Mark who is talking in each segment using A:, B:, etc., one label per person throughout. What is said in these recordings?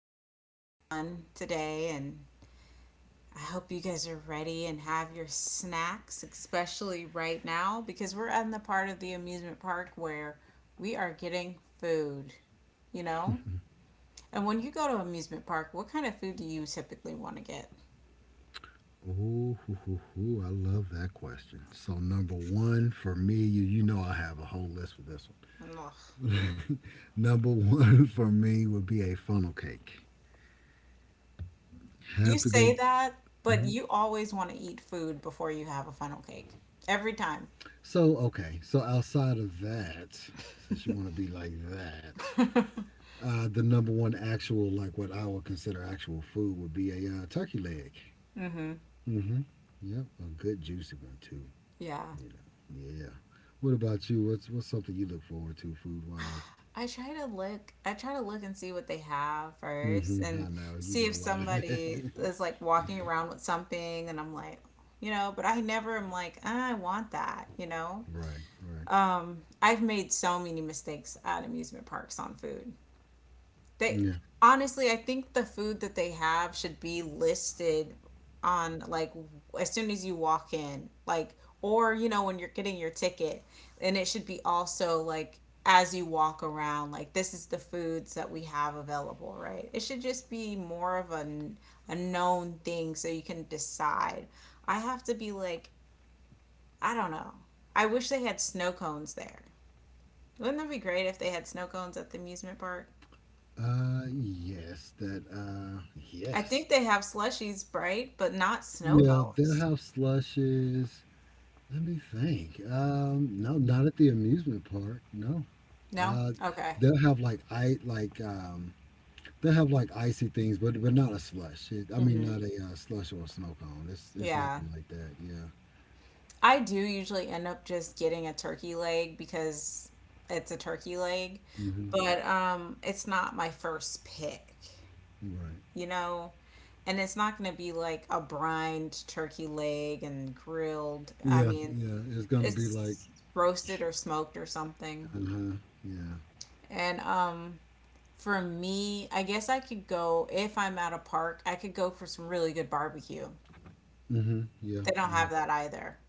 A: guys are having fun today, and I hope you guys are ready and have your snacks, especially right now, because we're in the part of the amusement park where we are getting food, you know? And when you go to amusement park, what kind of food do you typically want to get?
B: Oh, hoo, hoo, hoo. I love that question. So number one for me, you know I have a whole list for this
A: Ugh.
B: one. Number one for me would be a funnel cake.
A: You
B: Have to
A: say
B: go.
A: that, but
B: Mhm.
A: you always want to eat food before you have a funnel cake. Every time.
B: So okay. So outside of that, since you want to be like that, the number one actual like what I would consider actual food would be a turkey leg.
A: hmm
B: Mm-hmm. Yep, a good juicy one too.
A: Yeah.
B: You know. Yeah. What about you? What's something you look forward to food wise?
A: I try to look and see what they have first
B: Mm-hmm.
A: and
B: I know you
A: see
B: do a
A: if
B: lot of that.
A: somebody is like walking around with something and I'm like, you know, but I never am like, "Ah, I want that, you know.
B: Right, right.
A: I've made so many mistakes at amusement parks on food. They
B: Yeah.
A: honestly, I think the food that they have should be listed on like as soon as you walk in, like or you know when you're getting your ticket, and it should be also like as you walk around, like this is the foods that we have available, right? It should just be more of a a known thing so you can decide. I have to be like, I don't know. I wish they had snow cones there. Wouldn't that be great if they had snow cones at the amusement park?
B: Yes. That. Uh,
A: I
B: yes.
A: think they have slushies, right? But not snow
B: Yeah, they'll
A: cones.
B: have slushes. Let me think. No, not at the amusement park. No.
A: No?
B: Uh,
A: Okay.
B: they'll have like I like they'll have like icy things, but not a slush. It, I mean,
A: hmm
B: not a slush or a snow cone. It's
A: Yeah.
B: nothing like that. Yeah.
A: I do usually end up just getting a turkey leg because it's a turkey leg,
B: Mm-hmm.
A: but it's not my first pick,
B: Right.
A: you know? And it's not going to be like a brined turkey leg and grilled. I
B: Yeah.
A: mean,
B: Yeah. It's gonna be like.
A: it's roasted or smoked or something.
B: Uh huh. Yeah.
A: And for me, I guess I could go if I'm at a park, I could go for some really good barbecue.
B: Mm-hmm. Yeah.
A: They don't
B: Yeah.
A: have that either.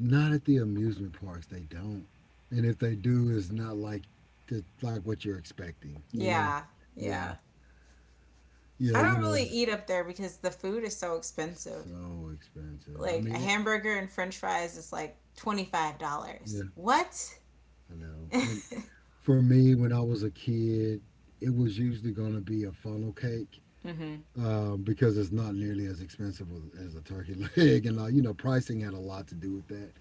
B: Not at the amusement parks, they don't. And if they do, it's not like like what you're expecting, you know?
A: Yeah,
B: Yeah.
A: yeah.
B: Yeah,
A: I
B: you
A: don't really
B: know,
A: eat up there because the food is so expensive.
B: so expensive. I
A: Like a
B: mean,
A: hamburger and french fries is like $25.
B: yeah,
A: What?
B: I know. When For me, when I was a kid, it was usually going to be a funnel cake
A: Mm-hmm.
B: because it's not nearly as expensive as a turkey leg, and you know, pricing had a lot to do with that.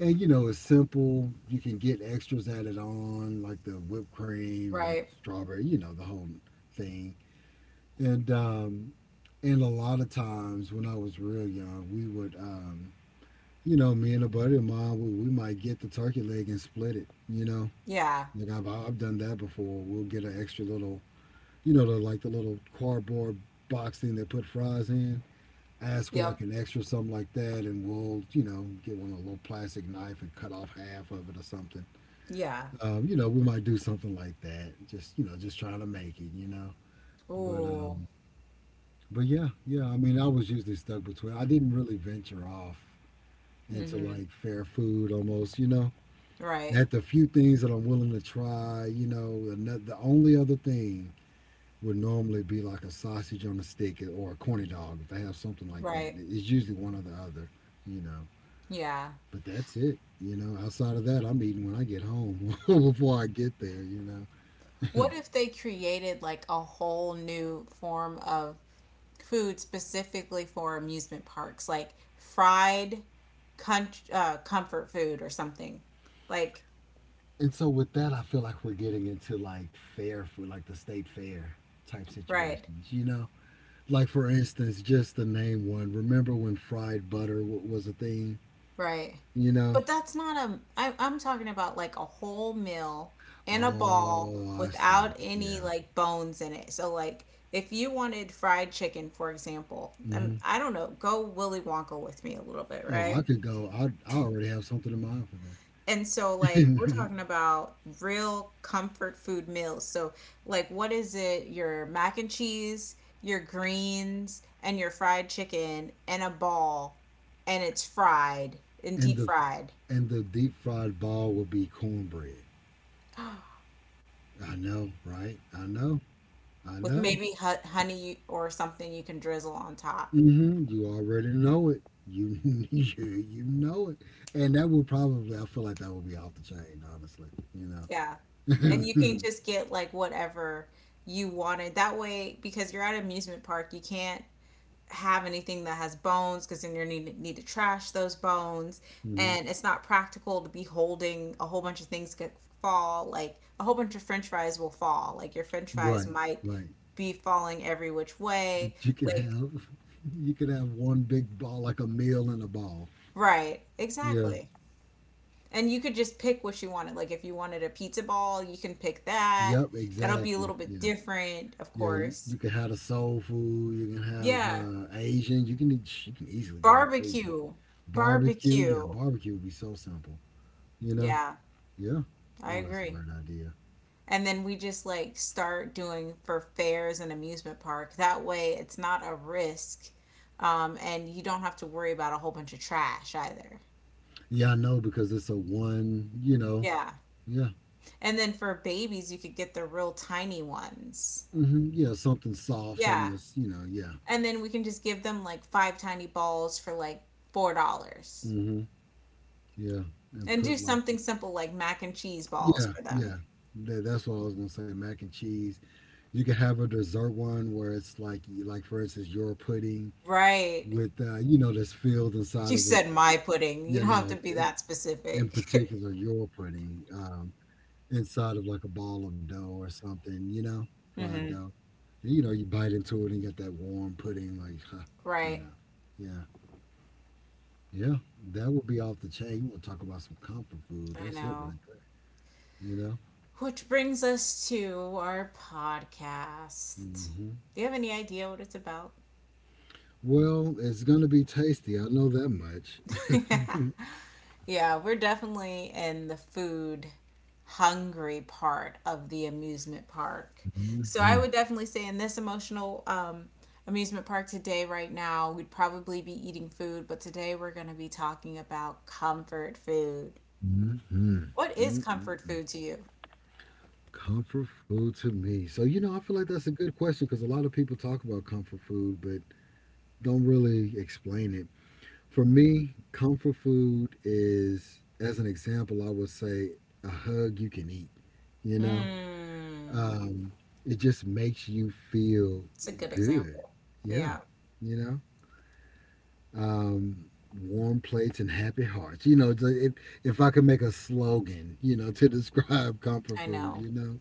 B: And you know, it's simple. You can get extras added on, like the whipped cream and
A: Right.
B: strawberry, you know, the whole thing. And um and a lot of times when I was real young, we would you know, me and a buddy of mine, we might get the turkey leg and split it, you know.
A: Yeah.
B: Like I've done that before. We'll get an extra little you know, the like the little cardboard box thing they put fries in. Ask for
A: Yep.
B: like an extra something like that and we'll, you know, get one a little plastic knife and cut off half of it or something
A: Yeah.
B: you know, we might do something like that. Just you know, just trying to make it, you know. But
A: Ooh.
B: um, but yeah, yeah. I mean, I was usually stuck between. I didn't really venture off into
A: Mm-hmm.
B: like fair food, almost, you know.
A: Right.
B: At the few things that I'm willing to try, you know, the, no- the only other thing would normally be like a sausage on a stick or a corny dog if they have something like that.
A: Right.
B: It's usually one or the other, you know.
A: Yeah.
B: But that's it, you know. Outside of that, I'm eating when I get home before I get there, you know.
A: What if they created like a whole new form of food specifically for amusement parks, like fried comfort food or something. Like,
B: And so with that, I feel like we're getting into like fair food, like the state fair type
A: right,
B: situations, you know? Like for instance, just to name one, remember when fried butter was a thing,
A: right.
B: you know?
A: But that's not a, I, I'm talking about like a whole meal in a ball
B: Oh, I see.
A: without any
B: Yeah.
A: like bones in it. So, like, if you wanted fried chicken, for example,
B: Hmm.
A: I don't know, go Willy Wonka with me a little bit,
B: Oh, I
A: right?
B: could go. I already have something in mind for that.
A: And so, like, we're talking about real comfort food meals. So, like, what is it? Your mac and cheese, your greens, and your fried chicken, and a ball, and it's fried and
B: and
A: deep
B: the
A: fried
B: and the deep fried ball would be cornbread. I know, right? I know. I
A: with
B: know.
A: maybe honey or something you can drizzle on top.
B: Hmm. You already know it. You know it, and that will probably I feel like that will be off the chain, honestly. You
A: Yeah. And you can
B: know,
A: just get like whatever you wanted. That way, because you're at an amusement park, you can't have anything that has bones because then you're need to trash those bones,
B: hmm
A: and it's not practical to be holding a whole bunch of things could fall like a whole bunch of french fries will fall like your french fries
B: right,
A: might
B: right.
A: be falling every which
B: But
A: way
B: you could
A: like
B: have you could have one big ball like a meal in a ball.
A: right
B: Yeah.
A: exactly, and you could just pick what you wanted like if you wanted a pizza ball you can pick that.
B: Yep.
A: That'll be a
B: Exactly.
A: little bit
B: Yeah.
A: different of
B: Yeah. You
A: course.
B: can have the soul food. You can have
A: Yeah,
B: Asian. You can easily go with Asian
A: barbecue,
B: barbecue. Yeah,
A: barbecue,
B: barbecue would be so simple. You know.
A: yeah,
B: Yeah.
A: I
B: Oh, that's a
A: agree.
B: great idea.
A: And then we just like start doing for fairs and amusement park that way it's not a risk, and you don't have to worry about a whole bunch of trash either.
B: Yeah, I know because it's a one, you know,
A: Yeah.
B: yeah.
A: And then for babies you could get the real tiny ones.
B: Hmm. Yeah, something soft, something
A: Yeah.
B: that's, you know, yeah.
A: And then we can just give them like five tiny balls for like $4
B: Hmm. Yeah. And
A: and do
B: put like,
A: something simple like mac and cheese balls
B: yeah,
A: for them.
B: yeah. That's what I was gonna say. Mac and cheese. You can have a dessert one where it's like for instance, your pudding
A: Right.
B: with, you know, that's filled inside
A: You
B: of a,
A: said my pudding, you
B: yeah,
A: don't have to
B: no,
A: be
B: in,
A: that
B: in
A: specific.
B: particular, your pudding. Inside of like a ball of dough or something, you know, fried
A: hmm
B: dough. And you know, you bite into it and you get that warm pudding, like, you
A: Right.
B: know, yeah, yeah, that would be off the chain. You want to talk about some comfort food?
A: I
B: That's it
A: know.
B: right there, you know.
A: Which brings us to our podcast.
B: Hmm.
A: Do you have any idea what it's about?
B: Well, it's gonna be tasty. I know that much.
A: Yeah, we're definitely in the food hungry part of the amusement park. So I
B: Hmm.
A: would definitely say in this emotional amusement park today, right now, we'd probably be eating food, but today we're going to be talking about comfort food.
B: Hmm.
A: What is comfort
B: Mm.
A: food to you?
B: Comfort food to me. So you know, I feel like that's a good question because a lot of people talk about comfort food, but don't really explain it. For me, comfort food is, as an example, I would say a hug you can eat. You know,
A: Mmm,
B: um, it just makes you feel
A: it's a good
B: good.
A: example.
B: Yeah,
A: Yeah,
B: you know, um, warm plates and happy hearts. You know, it's if I could make a slogan, you know, to describe comfort
A: I
B: food,
A: know.
B: you know,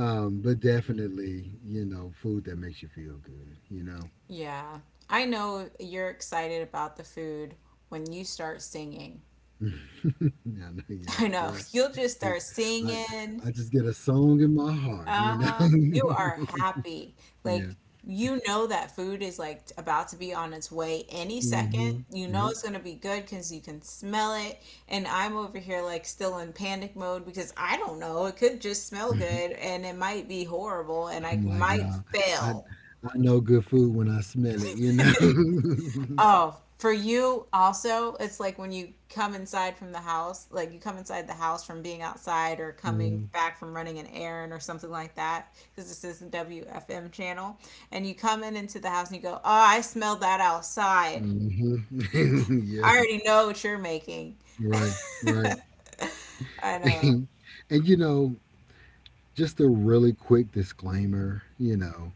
B: but definitely, you know, food that makes you feel good. You know,
A: Yeah. I know you're excited about the food when you start singing.
B: yeah, I know, yeah,
A: I know.
B: yeah.
A: You'll just
B: Just
A: start
B: I
A: singing.
B: I just get a song in my heart, you know?
A: Uh-huh. You are happy.
B: yeah.
A: Like you know that food is like about to be on its way any second.
B: Hmm.
A: You know
B: Yep.
A: it's going to be good cuz you can smell it, and I'm over here like still in panic mode because I don't know. It could just smell good and it might be horrible and I
B: I'm like,
A: might
B: nah, I
A: fail.
B: I know good food when I smell it, you know?
A: Oh, for you also, it's like when you come inside from the house, like you come inside the house from being outside or coming
B: mm-hmm.
A: back from running an errand or something like that, because this is the WFM channel, and you come in into the house and you go, "Oh, I smelled that outside.
B: yeah.
A: I already know what you're making."
B: Right. Right.
A: I know.
B: And you know, just a really quick disclaimer, you know,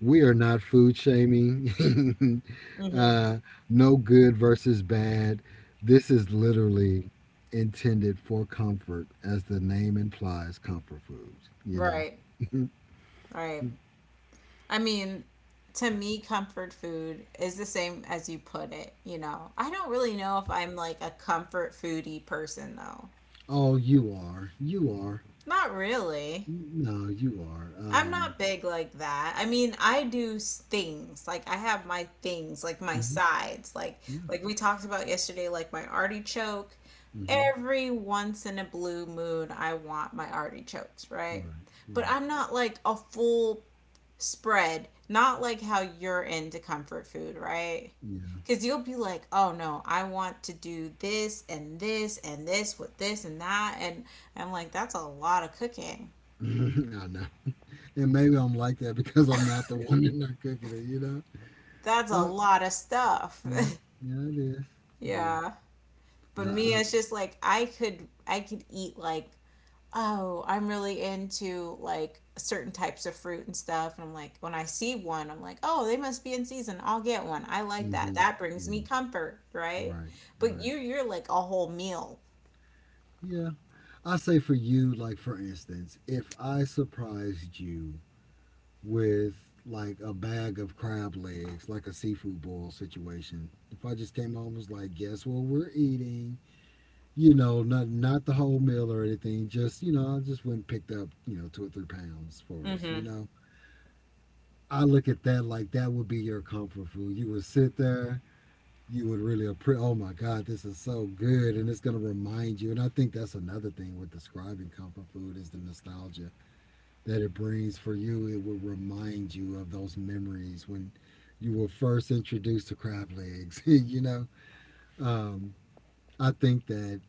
B: we are not food shaming. uh, no good versus bad. This is literally intended for comfort, as the name implies, comfort foods. You
A: Right.
B: know.
A: Right. I mean, to me, comfort food is the same as you put it, you know. I don't really know if I'm like a comfort foodie person though.
B: Oh, you are. You are.
A: Not really.
B: No, you are.
A: I'm not big like that. I mean, things. Like I have my things, like my
B: Hmm.
A: sides. Like
B: Yeah.
A: like we talked about yesterday, like my artichoke.
B: Hmm.
A: Every once in a blue moon, I want my artichokes, right?
B: Right.
A: But
B: Right.
A: I'm not like a full spread, not like how you're into comfort food, right? Because you'll be like, oh no, I want to do this and this and this with this and that. And I'm like, that's a lot of cooking.
B: Yeah. I know. And maybe I'm like that because I'm not the one in there cooking it. You know.
A: That's a
B: Um.
A: lot of stuff.
B: Yeah. Yeah. It is. It is.
A: Yeah.
B: But
A: But
B: I.
A: me,
B: I
A: it's just like I could eat like oh, I'm really into like certain types of fruit and stuff. And I'm like when I see one, I'm like, "Oh, they must be in season. I'll get one. I like that.
B: Hmm.
A: That brings me
B: Yeah.
A: comfort, right?"
B: Right.
A: But
B: Right.
A: you you're like a whole meal.
B: Yeah. I say for you, like for instance, if I surprised you with like a bag of crab legs, like a seafood boil situation, if I just came home and was like, guess what we're eating, you know, not the whole meal or anything, just you know, I just went and picked up, you know, 2 or 3 pounds for us, you
A: Mhm.
B: know. I look at that like that would be your comfort food. You would sit there, you would really appreciate. Oh my God, this is so good, and it's gonna remind you. And I think that's another thing with describing comfort food is the nostalgia that it brings for you. It will remind you of those memories when you were first introduced to crab legs. you know, um, I think that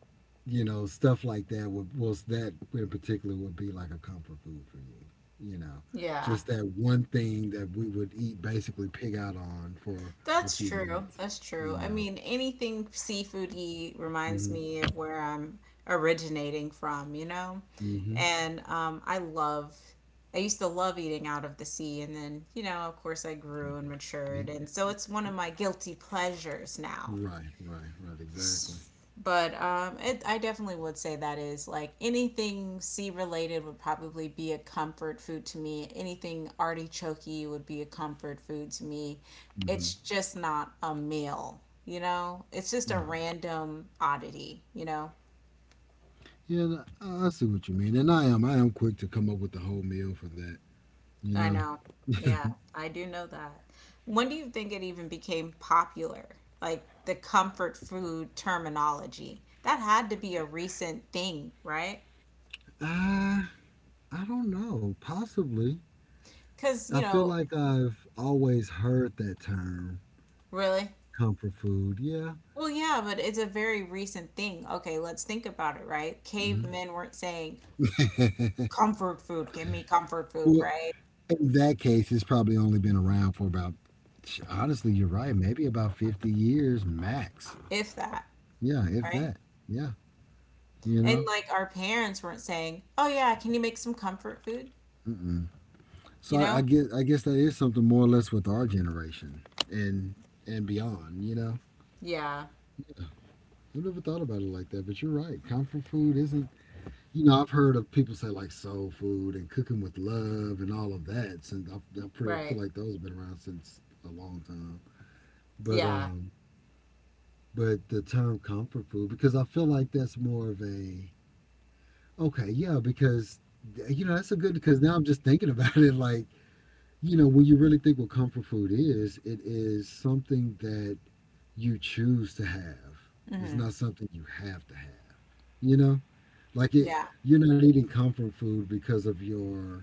B: you know stuff like that would was that in particular would be like a comfort food for you. You know,
A: Yeah.
B: just that one thing that we would eat basically pig out on for a
A: That's
B: few
A: true.
B: minutes.
A: That's true.
B: You
A: I
B: know.
A: mean, anything seafoody reminds
B: Mm-hmm.
A: me of where I'm originating from, you know?
B: Mm-hmm.
A: And I love, I used to love eating out of the sea. And then, you know, of course, I grew and matured. And so it's one of my guilty pleasures now.
B: Right. Right. Right. Exactly.
A: But I definitely would say that is like anything sea related would probably be a comfort food to me. Anything artichokey would be a comfort food to me.
B: Mm-hmm.
A: It's just not a meal, you know? It's just a
B: Right.
A: random oddity, you know?
B: Yeah, I see what you mean, and I am quick to come up with a whole meal for that. You
A: I
B: know,
A: know. Yeah, I do know that. When do you think it even became popular? Like the comfort food terminology? That had to be a recent thing, right?
B: I I don't know. Possibly,
A: Because,
B: I
A: you
B: feel
A: know,
B: like I've always heard that term
A: really?
B: comfort food. Yeah.
A: Well, yeah, but it's a very recent thing. Okay, let's think about it, right?
B: Mhm.
A: Cavemen weren't saying comfort food, give me comfort food,
B: Well,
A: right?
B: in that case, it's probably only been around for about. Honestly, you're right. Maybe about 50 years max.
A: If that,
B: Yeah, if
A: right?
B: that. Yeah, you
A: And
B: know.
A: like our parents weren't saying, oh, yeah, can you make some comfort food?
B: Mm-mm. So
A: You
B: I, I
A: know?
B: guess I guess that is something more or less with our generation and and beyond. You know.
A: Yeah,
B: I've never thought about it like that, but you're right. Comfort food isn't, you know, I've heard of people say like soul food and cooking with love and all of that. Since I feel
A: right.
B: like those have been around since a long time. But
A: Yeah.
B: um, but the term comfort food because I feel like that's more of a okay, yeah, because you know that's a good because now I'm just thinking about it like you know when you really think what comfort food is, it is something that you choose to have. It's
A: hmm
B: not something you have to have. You know. Like it,
A: Yeah.
B: you're not eating comfort food because of your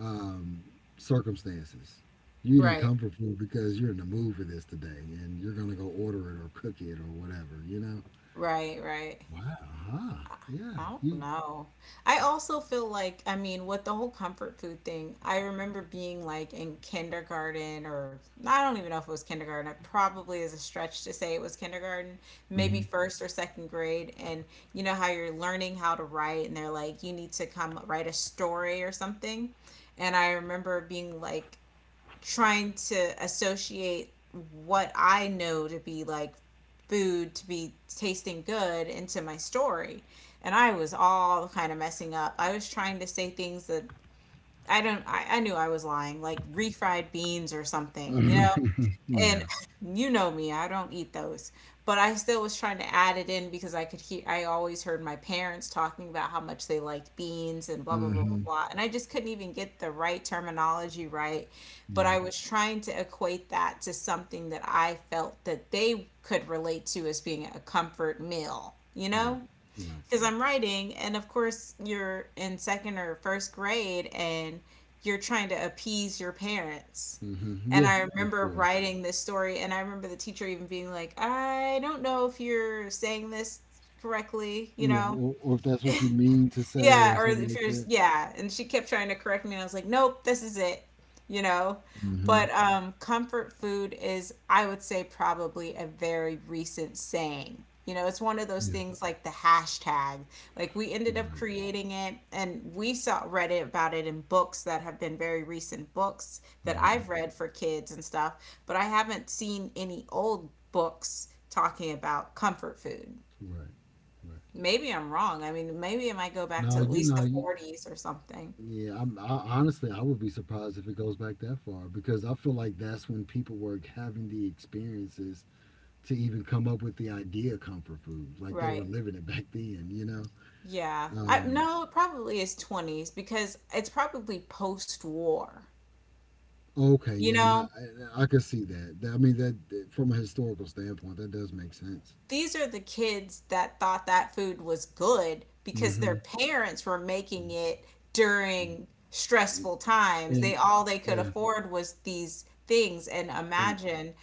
B: um, circumstances. You're eating
A: Right.
B: comfort food because you're in the mood for this today, and you're gonna go order it or cook it or whatever. You know?
A: Right, right.
B: Wow. Uh-huh. Yeah.
A: I don't
B: You.
A: know. I also feel like, I mean, with the whole comfort food thing, I remember being like in kindergarten, or I don't even know if it was kindergarten. It probably is a stretch to say it was kindergarten,
B: Mm-hmm.
A: maybe first or second grade. And you know how you're learning how to write, and they're like, you need to come write a story or something. And I remember being like, trying to associate what I know to be like food to be tasting good into my story. And I was all kind of messing up. I was trying to say things that I don't, I knew I was lying, like refried beans or something, you know? And
B: yeah.
A: you know me, I don't eat those. But I still was trying to add it in because I could hear, I always heard my parents talking about how much they liked beans and blah, blah, blah, blah,
B: Mm-hmm.
A: blah. And I just couldn't even get the right terminology right. But
B: Yeah.
A: I was trying to equate that to something that I felt that they could relate to as being a comfort meal, you know?
B: Right. Right.
A: Because I'm writing, and of course, you're in second or first grade and you're trying to appease your parents.
B: Mm-hmm.
A: And
B: Yeah.
A: I
B: Of
A: remember
B: course.
A: writing this story, and I remember the teacher even being like, I don't know if you're saying this correctly, you
B: Yeah.
A: know?
B: Or if that's what you mean to say
A: Yeah,
B: or
A: or
B: something
A: if
B: like
A: you're,
B: that.
A: yeah. And she kept trying to correct me, and I was like, nope, this is it, you know?
B: Mm-hmm.
A: But comfort food is, I would say, probably a very recent saying. You know, it's one of those
B: Yeah.
A: things like the hashtag. Like we ended up
B: Right.
A: creating it, and we saw read it about it in books that have been very recent books that
B: Mm-hmm.
A: I've read for kids and stuff. But I haven't seen any old books talking about comfort food.
B: Right. Right.
A: Maybe I'm wrong. I mean, maybe it might go back to
B: No,
A: at
B: you
A: least the
B: know,
A: 40s or something.
B: yeah, honestly, I would be surprised if it goes back that far because I feel like that's when people were having the experiences to even come up with the idea of comfort food. Like they were
A: Right.
B: living it back then, you know?
A: Yeah. I,
B: Um,
A: no, it probably is 20s because it's probably post-war.
B: okay,
A: You
B: yeah, no,
A: know?
B: I could see that. I mean, that from a historical standpoint, that does make sense.
A: These are the kids that thought that food was good because their
B: Hmm.
A: parents were making it during stressful times. They
B: And
A: all they could
B: yeah,
A: afford was these things, and
B: and
A: imagine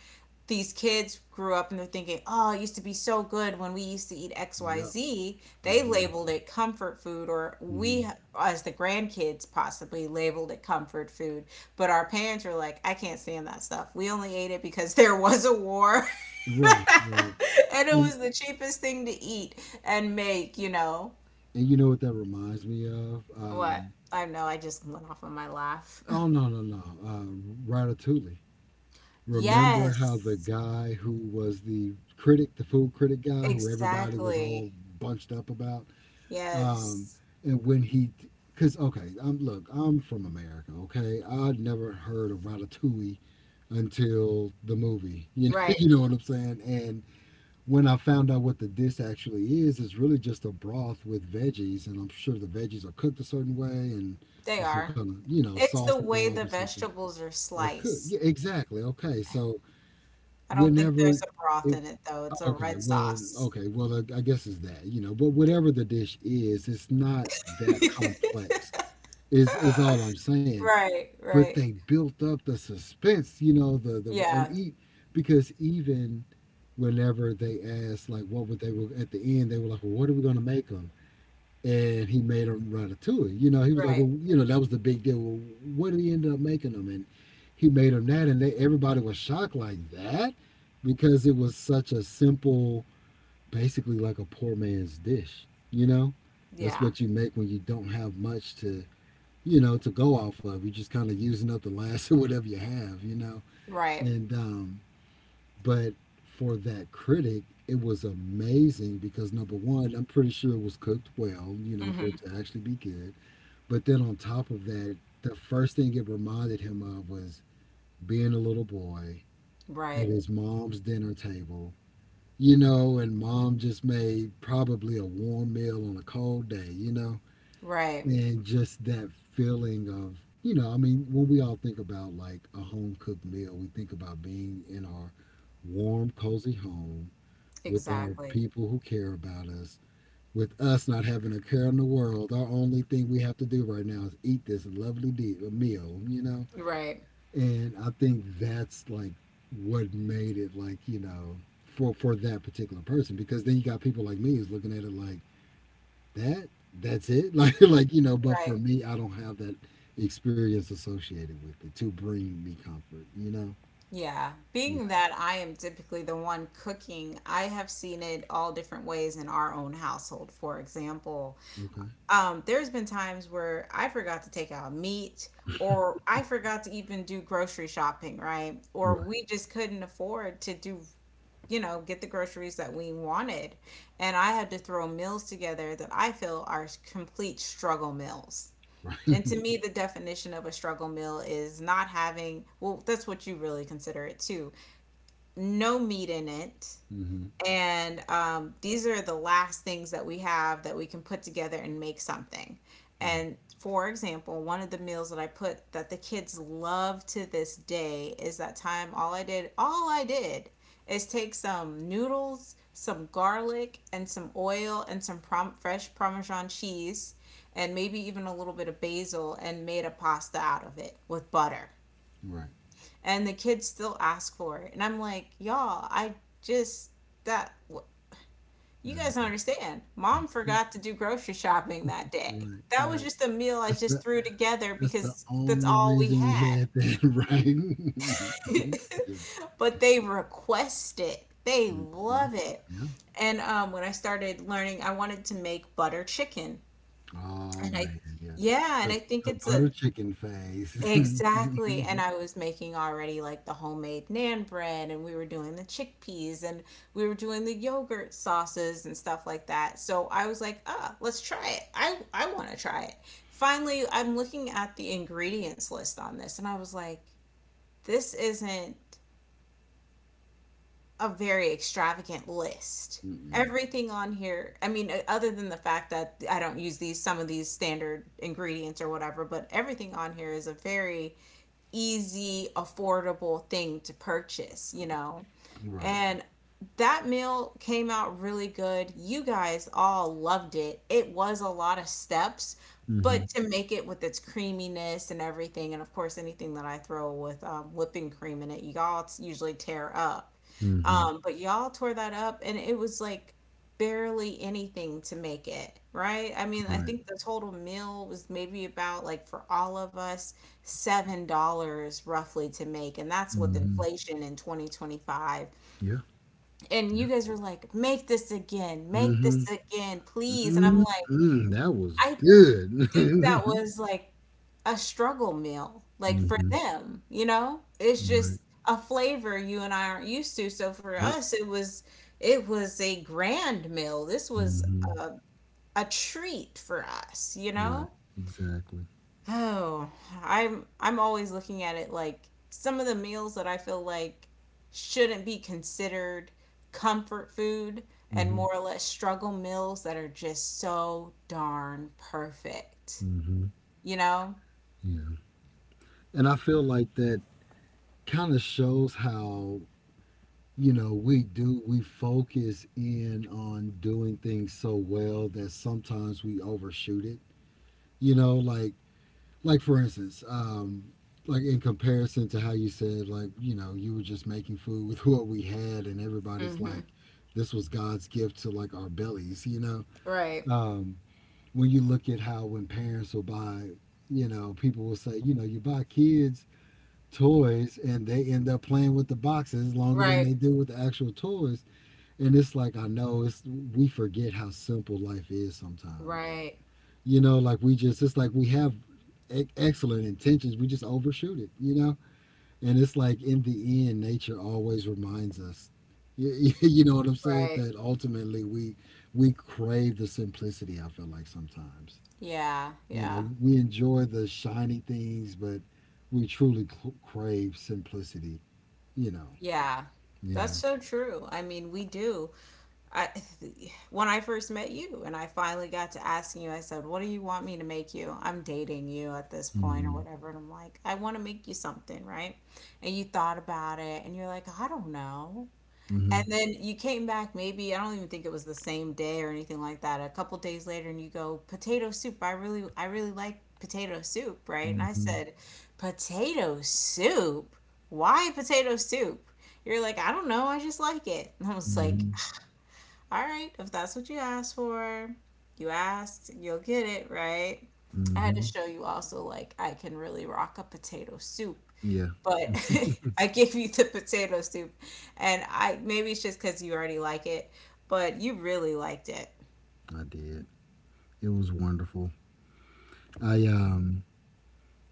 A: these kids grew up and they're thinking, "Oh, it used to be so good when we used to eat
B: yep,
A: XYZ." They labeled
B: exactly.
A: it comfort food, or
B: Hmm.
A: we as the grandkids possibly labeled it comfort food, but our parents were like, "I can't stand that stuff. We only ate it because there was a war."
B: Right, right.
A: And it
B: And,
A: was the cheapest thing to eat and make, you know.
B: and you know what that reminds me of?
A: What? I know, I just went off on my laugh.
B: Oh no no no! Ratatouille. Remember how the
A: Yes,
B: guy who was the critic, the food critic guy, who everybody was all
A: exactly.
B: bunched up about, um,
A: Yes,
B: and when he, because okay, I'm from America, okay, I'd never heard of Ratatouille until the movie, you know,
A: right.
B: and when I found out what the dish actually is, it's really just a broth with veggies, and I'm sure the veggies are cooked a certain way, and
A: They
B: there's some
A: are.
B: kind of
A: It's
B: sauce
A: the way
B: involved or
A: the
B: something
A: vegetables are
B: or could
A: sliced.
B: yeah, exactly, okay, so
A: I don't think
B: whenever
A: there's a broth
B: it
A: in it, though. It's a
B: okay
A: red
B: well
A: sauce.
B: okay well I guess it's that you know but whatever the dish is, it's not that complex is all I'm saying.
A: Right,
B: But they
A: right.
B: built up the suspense, you know, the and
A: Yeah,
B: eat because even whenever they asked like what would they were at the end they were like, well, what are we going to make 'em? And he made a ratatouille. You know, he was like,
A: right.
B: well, you know, that was the big deal. Well, what did he end up making them? And he made them that, and they, everybody was shocked like that, because it was such a simple, basically like a poor man's dish. You know, that's
A: Yeah,
B: what you make when you don't have much to, you know, to go off of. You're just kind of using up the last of whatever you have. You know,
A: right.
B: and but for that critic, it was amazing because number one, I'm pretty sure it was cooked well, you know, for it
A: Hmm.
B: to actually be good. But then on top of that, the first thing it reminded him of was being a little boy at
A: Right,
B: his mom's dinner table, you know, and mom just made probably a warm meal on a cold day, you know,
A: right.
B: and just that feeling of, you know, I mean, when we all think about like a home cooked meal, we think about being in our warm, cozy home with our
A: Exactly.
B: people who care about us, with us not having a care in the world. Our only thing we have to do right now is eat this lovely meal, you know?
A: Right,
B: And I think that's like what made it like, you know, for that particular person, because then you got people like me who's looking at it like that, that's it. Like, you know, but for
A: right.
B: me, I don't have that experience associated with it to bring me comfort, you know?
A: Yeah, being
B: Yeah.
A: that I am typically the one cooking, I have seen it all different ways in our own household. For example,
B: Okay.
A: there's been times where I forgot to take out meat, or I forgot to even do grocery shopping, right? Or
B: Right.
A: we just couldn't afford to do, you know, get the groceries that we wanted. And I had to throw meals together that I feel are complete struggle meals.
B: Right.
A: And to me, the definition of a struggle meal is not having, well, that's what you really consider it too, no meat in it.
B: Hmm.
A: And these are the last things that we have that we can put together and make something.
B: Right.
A: And for example, one of the meals that I put that the kids love to this day is that time all I did is take some noodles, some garlic, and some oil and some fresh Parmesan cheese and maybe even a little bit of basil and made a pasta out of it with butter,
B: Right.
A: and the kids still ask for it, and I'm like, y'all, I just that you
B: Yeah, I
A: guys don't
B: know.
A: understand, mom forgot to do grocery shopping that day.
B: Right,
A: That was
B: right.
A: just a meal I
B: That's
A: just
B: the
A: threw together
B: that's the
A: because that's
B: only
A: all we
B: reason we
A: had.
B: had that, right? Yeah.
A: But they request it, they
B: Mhm.
A: love it.
B: Yeah.
A: And when I started learning, I wanted to make butter chicken,
B: Oh
A: and i
B: man, yeah.
A: yeah and
B: The
A: I think
B: the
A: it's a,
B: butter chicken phase.
A: exactly. And I was making already like the homemade nan bread, and we were doing the chickpeas, and we were doing the yogurt sauces and stuff like that. So I was like, ah, let's try it. I want to try it. Finally, I'm looking at the ingredients list on this, and I was like, this isn't a very extravagant list.
B: Mm-mm.
A: Everything on here, I mean, other than the fact that I don't use these, some of these standard ingredients or whatever, but everything on here is a very easy, affordable thing to purchase, you know?
B: Right.
A: And that meal came out really good. You guys all loved it. It was a lot of steps, but
B: Hmm.
A: to make it with its creaminess and everything, and of course, anything that I throw with whipping cream in it, y'all usually tear up.
B: Hmm.
A: But y'all tore that up, and it was like barely anything to make it, right? I mean, I
B: Right.
A: think the total meal was maybe about like for all of us, $7 roughly to make, and that's with
B: Hmm.
A: inflation in 2025,
B: Yeah.
A: and
B: Yeah.
A: you guys were like, make
B: Hmm.
A: this again, please. And I'm like,
B: Mm-hmm. That was
A: I
B: good.
A: think that was like a struggle meal, like for
B: Hmm.
A: them, you know? It's
B: Right.
A: just a flavor you and I aren't used to. So for
B: Yep.
A: us, it was, it was a grand meal. This was
B: Hmm.
A: a, a treat for us, you
B: Right.
A: know?
B: Exactly.
A: Oh, I'm always looking at it like some of the meals that I feel like shouldn't be considered comfort food, and
B: Hmm.
A: more or less struggle meals that are just so darn perfect.
B: Hmm.
A: You know?
B: Yeah. And I feel like that kind of shows how, we do, we focus in on doing things so well that sometimes we overshoot it, you know, like for instance, like in comparison to how you said, like, you know, you were just making food with what we had, and everybody's
A: Mm-hmm.
B: like, this was God's gift to like our bellies, you know.
A: Right.
B: um when you look at how when parents will buy, you know, people will say, you know, you buy kids toys and they end up playing with the boxes longer than
A: Right.
B: they do with the actual toys. And it's like, I know, it's we forget how simple life is sometimes.
A: Right.
B: You know, like, we just, it's like we have excellent intentions, we just overshoot it, you know. And it's like, in the end, nature always reminds us, you, you know what I'm saying,
A: Right.
B: that ultimately we crave the simplicity, I feel like sometimes,
A: Yeah,
B: you
A: yeah,
B: know. We enjoy the shiny things, but we truly crave simplicity, you know.
A: yeah.
B: Yeah.
A: That's so true. I mean, we do. I, when I first met you and I finally got to asking you, I said, what do you want me to make you? I'm dating you at this point or
B: Mm-hmm.
A: whatever. And I'm like, I want to make you something, right? And you thought about it and you're like, I don't know.
B: Mm-hmm.
A: And then you came back, maybe, I don't even think it was the same day or anything like that. A couple days later, and you go, potato soup. I really like potato soup, right? And I
B: Mm-hmm.
A: said, potato soup? Why potato soup? You're like, I don't know. I just like it. And I was like,
B: Mm-hmm.
A: all right, if that's what you asked for, you asked, you'll get it, right? I had to
B: Mm-hmm.
A: show you also, like, I can really rock a potato soup.
B: Yeah,
A: But I gave you the potato soup, and I maybe it's just because you already like it, but you really liked it.
B: I did. It was wonderful. I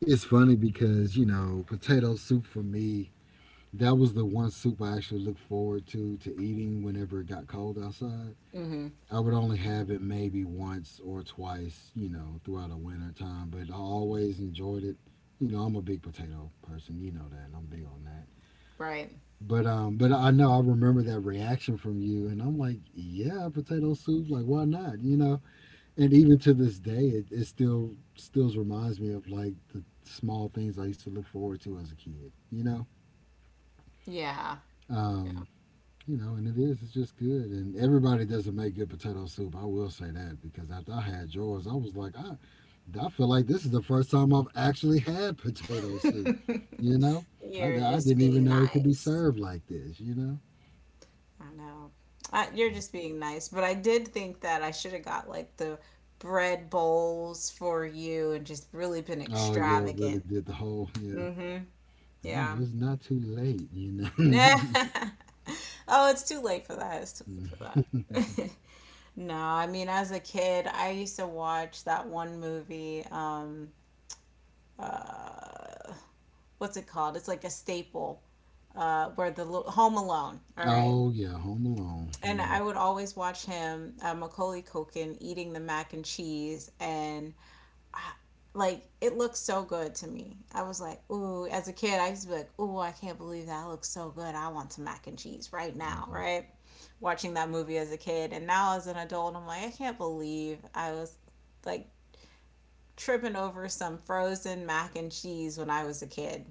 B: It's funny because, you know, potato soup for me, that was the one soup I actually looked forward to eating whenever it got cold outside.
A: Hmm.
B: I would only have it maybe once or twice, you know, throughout the winter time, but I always enjoyed it. You know, I'm a big potato person, you know that, and I'm big on that.
A: Right.
B: But I know I remember that reaction from you, and I'm like, yeah, potato soup. Like, why not? You know. And even to this day, it still reminds me of like the small things I used to look forward to as a kid. You know.
A: Yeah. Yeah.
B: Um, you know, and it is. It's just good. And everybody doesn't make good potato soup. I will say that because after I had yours, I was like, I feel like this is the first time I've actually had potato soup. You know,
A: You're
B: I
A: just
B: didn't even
A: being
B: know it could be
A: nice.
B: served like this. You know.
A: I don't know. I, you're just being nice, but I did think that I should have got like the bread bowls for you and just really been
B: Oh yeah, really
A: extravagant.
B: did the whole yeah.
A: Mm-hmm.
B: But, you
A: Yeah.
B: know, it's not too late. You know.
A: Oh, it's too late for that. It's too late
B: Mm.
A: for that. No, I mean, as a kid, I used to watch that one movie. What's it called? It's like a staple. Where the Home Alone. All right.
B: Oh yeah, Home
A: And I
B: Alone.
A: would always watch him, Macaulay Culkin, eating the mac and cheese, and like it looks so good to me. I was like, ooh, as a kid, I used to be like, ooh, I can't believe that looks so good. I want some mac and cheese right
B: Yeah,
A: now,
B: mhm.
A: right? Watching that movie as a kid, and now as an adult, I'm like, I can't believe I was like tripping over some frozen mac and cheese when I was a kid.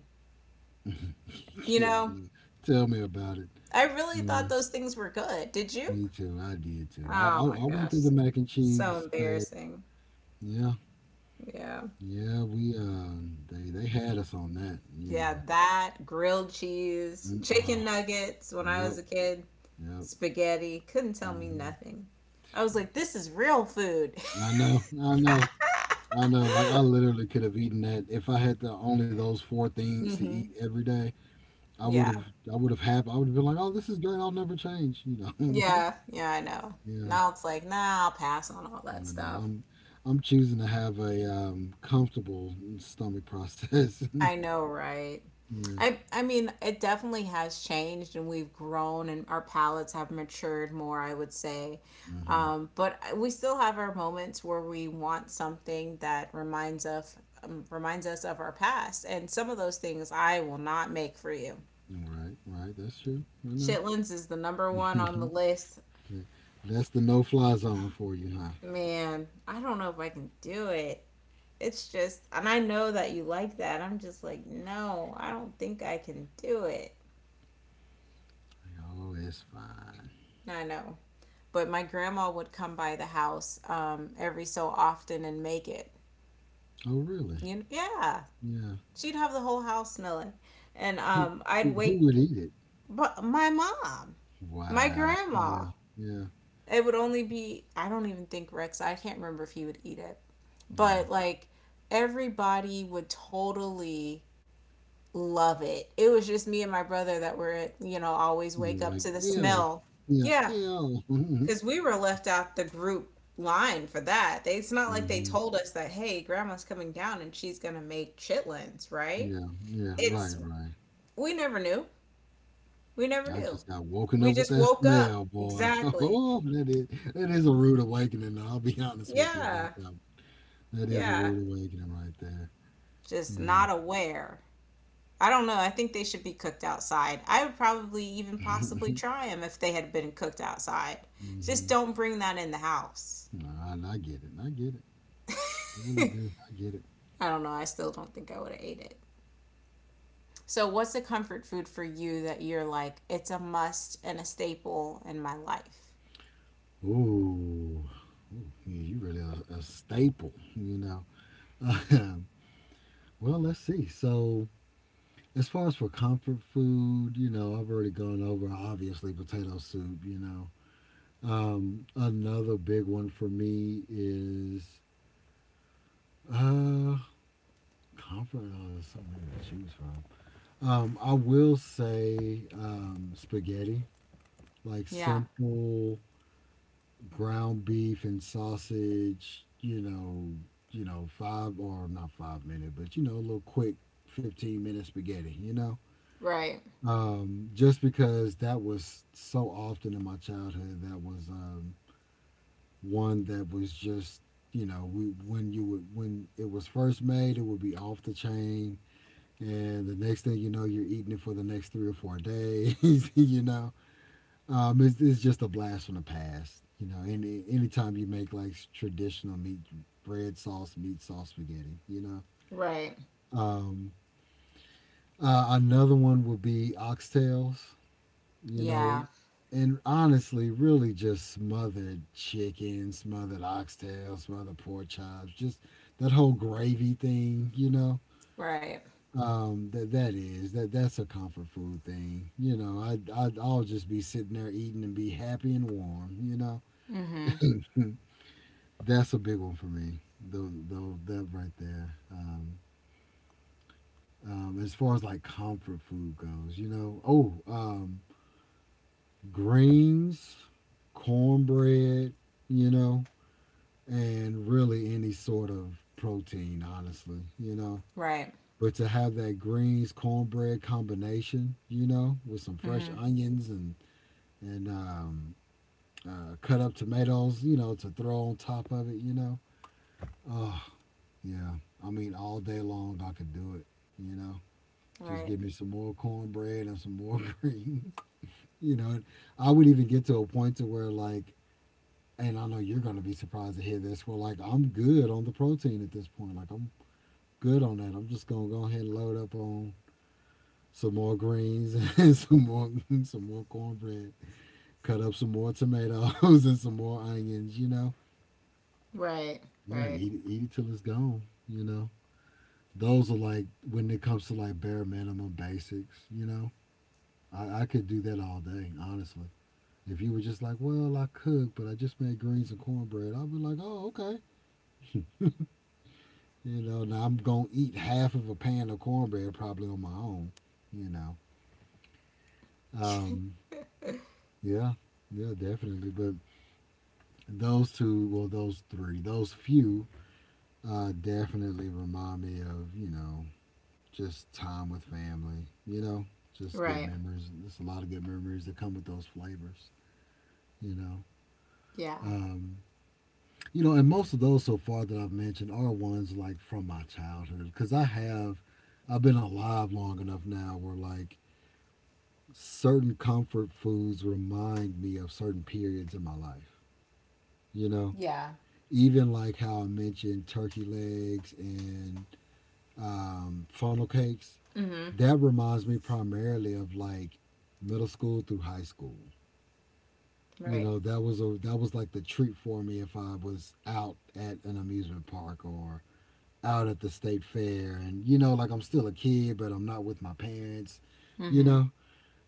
A: You
B: yeah. I
A: know,
B: know. Tell me about it.
A: I really
B: Yeah,
A: thought those things were good. Did you?
B: me too. I did too.
A: Oh my
B: I went through
A: gosh,
B: the mac and
A: so
B: cheese phase.
A: embarrassing.
B: Yeah,
A: Yeah.
B: yeah. We they had us on that. You
A: Yeah,
B: know.
A: that grilled cheese,
B: Mm. Oh,
A: chicken nuggets when I was
B: yep,
A: a kid.
B: yep.
A: Spaghetti. Couldn't tell me
B: Hmm.
A: nothing. I was
B: Shit.
A: like, this is real food.
B: I know, I know, I know. Like I literally could have eaten that if I had to only those four things to eat
A: Mm-hmm.
B: every day. I would
A: Yeah.
B: have, I would have been like, oh, this is great. I'll never change. You know,
A: Yeah. Yeah, I know.
B: yeah.
A: Now it's like, nah, I'll pass on all that
B: I know.
A: stuff.
B: I'm choosing to have a comfortable stomach process.
A: I know, right?
B: Yeah.
A: I mean, it definitely has changed and we've grown and our palates have matured more, I would say.
B: Hmm.
A: But we still have our moments where we want something that reminds of reminds us of our past. And some of those things I will not make for you.
B: Right. Right. That's true. I know.
A: Chitlins is the number one on the list.
B: That's the no-fly zone for you, huh?
A: Man, I don't know if I can do it. It's just, and I know that you like that. I'm just like, no, I don't think I can do it.
B: Oh, it's fine.
A: I know. But my grandma would come by the house every so often and make it.
B: Oh, really?
A: You know, yeah,
B: Yeah.
A: she'd have the whole house smelling. And
B: Who,
A: I'd
B: who
A: wake
B: would eat it?
A: but my mom, my
B: Wow.
A: grandma,
B: Yeah. Yeah.
A: it would only be, I don't even think Rex. I can't remember if he would eat it, but
B: Yeah.
A: like everybody would totally love it. It was just me and my brother that were, you know, always
B: You
A: wake
B: know,
A: up
B: like
A: to the
B: ew.
A: smell.
B: Yeah.
A: Yeah,
B: Ew.
A: because we were left out the group line for that. They, it's not like they
B: Hmm.
A: told us that, hey, grandma's coming down and she's gonna make chitlins, right?
B: Yeah, yeah, right,
A: It's
B: right.
A: we never knew. We never
B: I
A: knew.
B: just got woken
A: We
B: up with
A: just
B: that
A: woke up.
B: smell, boy.
A: Exactly.
B: Oh, that is a rude awakening. I'll be honest with you about
A: Yeah.
B: that. That is a
A: Yeah.
B: rude awakening right there.
A: Just
B: Yeah.
A: not aware. I don't know. I think they should be cooked outside. I would probably even possibly try them if they had been cooked outside.
B: Hmm.
A: Just don't bring that in the house.
B: I get it. I get it. I really do. I get it.
A: I don't know. I still don't think I would have ate it. So, what's a comfort food for you that you're like, it's a must and a staple in my life?
B: Ooh. Ooh you you really a staple, you know. Well, let's see. So, as far as for comfort food, you know, I've already gone over obviously potato soup, you know. Another big one for me is uh, conference. Oh, there's so to choose from. I will say spaghetti, like
A: Yeah.
B: simple ground beef and sausage. You know, five or not 5 minute, but you know, a little quick 15 minute spaghetti. You know,
A: Right.
B: just because that was so often in my childhood. That was one that was just, you know, we when you would when it was first made it would be off the chain, and the next thing you know you're eating it for the next 3 or 4 days you know. It's just a blast from the past, you know, anytime you make like traditional meat bread sauce meat sauce spaghetti, you know.
A: Right.
B: um, Another one would be oxtails, you know,
A: Yeah.
B: and honestly, really just smothered chicken, smothered oxtail, smothered pork chops, just that whole gravy thing, you know.
A: Right.
B: That that is that that's a comfort food thing, you know. I'll just be sitting there eating and be happy and warm, you know.
A: Mm-hmm.
B: That's a big one for me. Though that right there. As far as like comfort food goes, you know. Oh, greens, cornbread, you know, and really any sort of protein, honestly, you know.
A: Right.
B: But to have that greens cornbread combination, you know, with some fresh
A: Mm-hmm.
B: onions and cut up tomatoes, you know, to throw on top of it, you know. Oh yeah, I mean all day long I could do it, you know. Just
A: Right.
B: give me some more cornbread and some more greens, you know. And I would even get to a point to where like, and I know you're gonna be surprised to hear this, where like I'm good on the protein at this point. Like I'm good on that. I'm just gonna go ahead and load up on some more greens and some more cornbread. Cut up some more tomatoes and some more onions. You know,
A: Right.
B: yeah,
A: Right.
B: eat it till it's gone. You know, those are like when it comes to like bare minimum basics. You know, I could do that all day, honestly. If you were just like, well, I cook, but I just made greens and cornbread, I'd be like, oh, okay. Now I'm gonna eat half of a pan of cornbread probably on my own. You know, um, Yeah, yeah, definitely. But those two, well, those three, those few definitely remind me of just time with family. You know, just good
A: Right.
B: memories. There's a lot of good memories that come with those flavors. You know,
A: Yeah.
B: um, and most of those so far that I've mentioned are ones like from my childhood because I've been alive long enough now where like certain comfort foods remind me of certain periods in my life. You know,
A: Yeah.
B: even like how I mentioned turkey legs and funnel cakes,
A: Mm-hmm.
B: that reminds me primarily of like middle school through high school. You
A: Right.
B: know, that was like the treat for me if I was out at an amusement park or out at the state fair, and like I'm still a kid but I'm not with my parents, you
A: Mm-hmm.
B: know,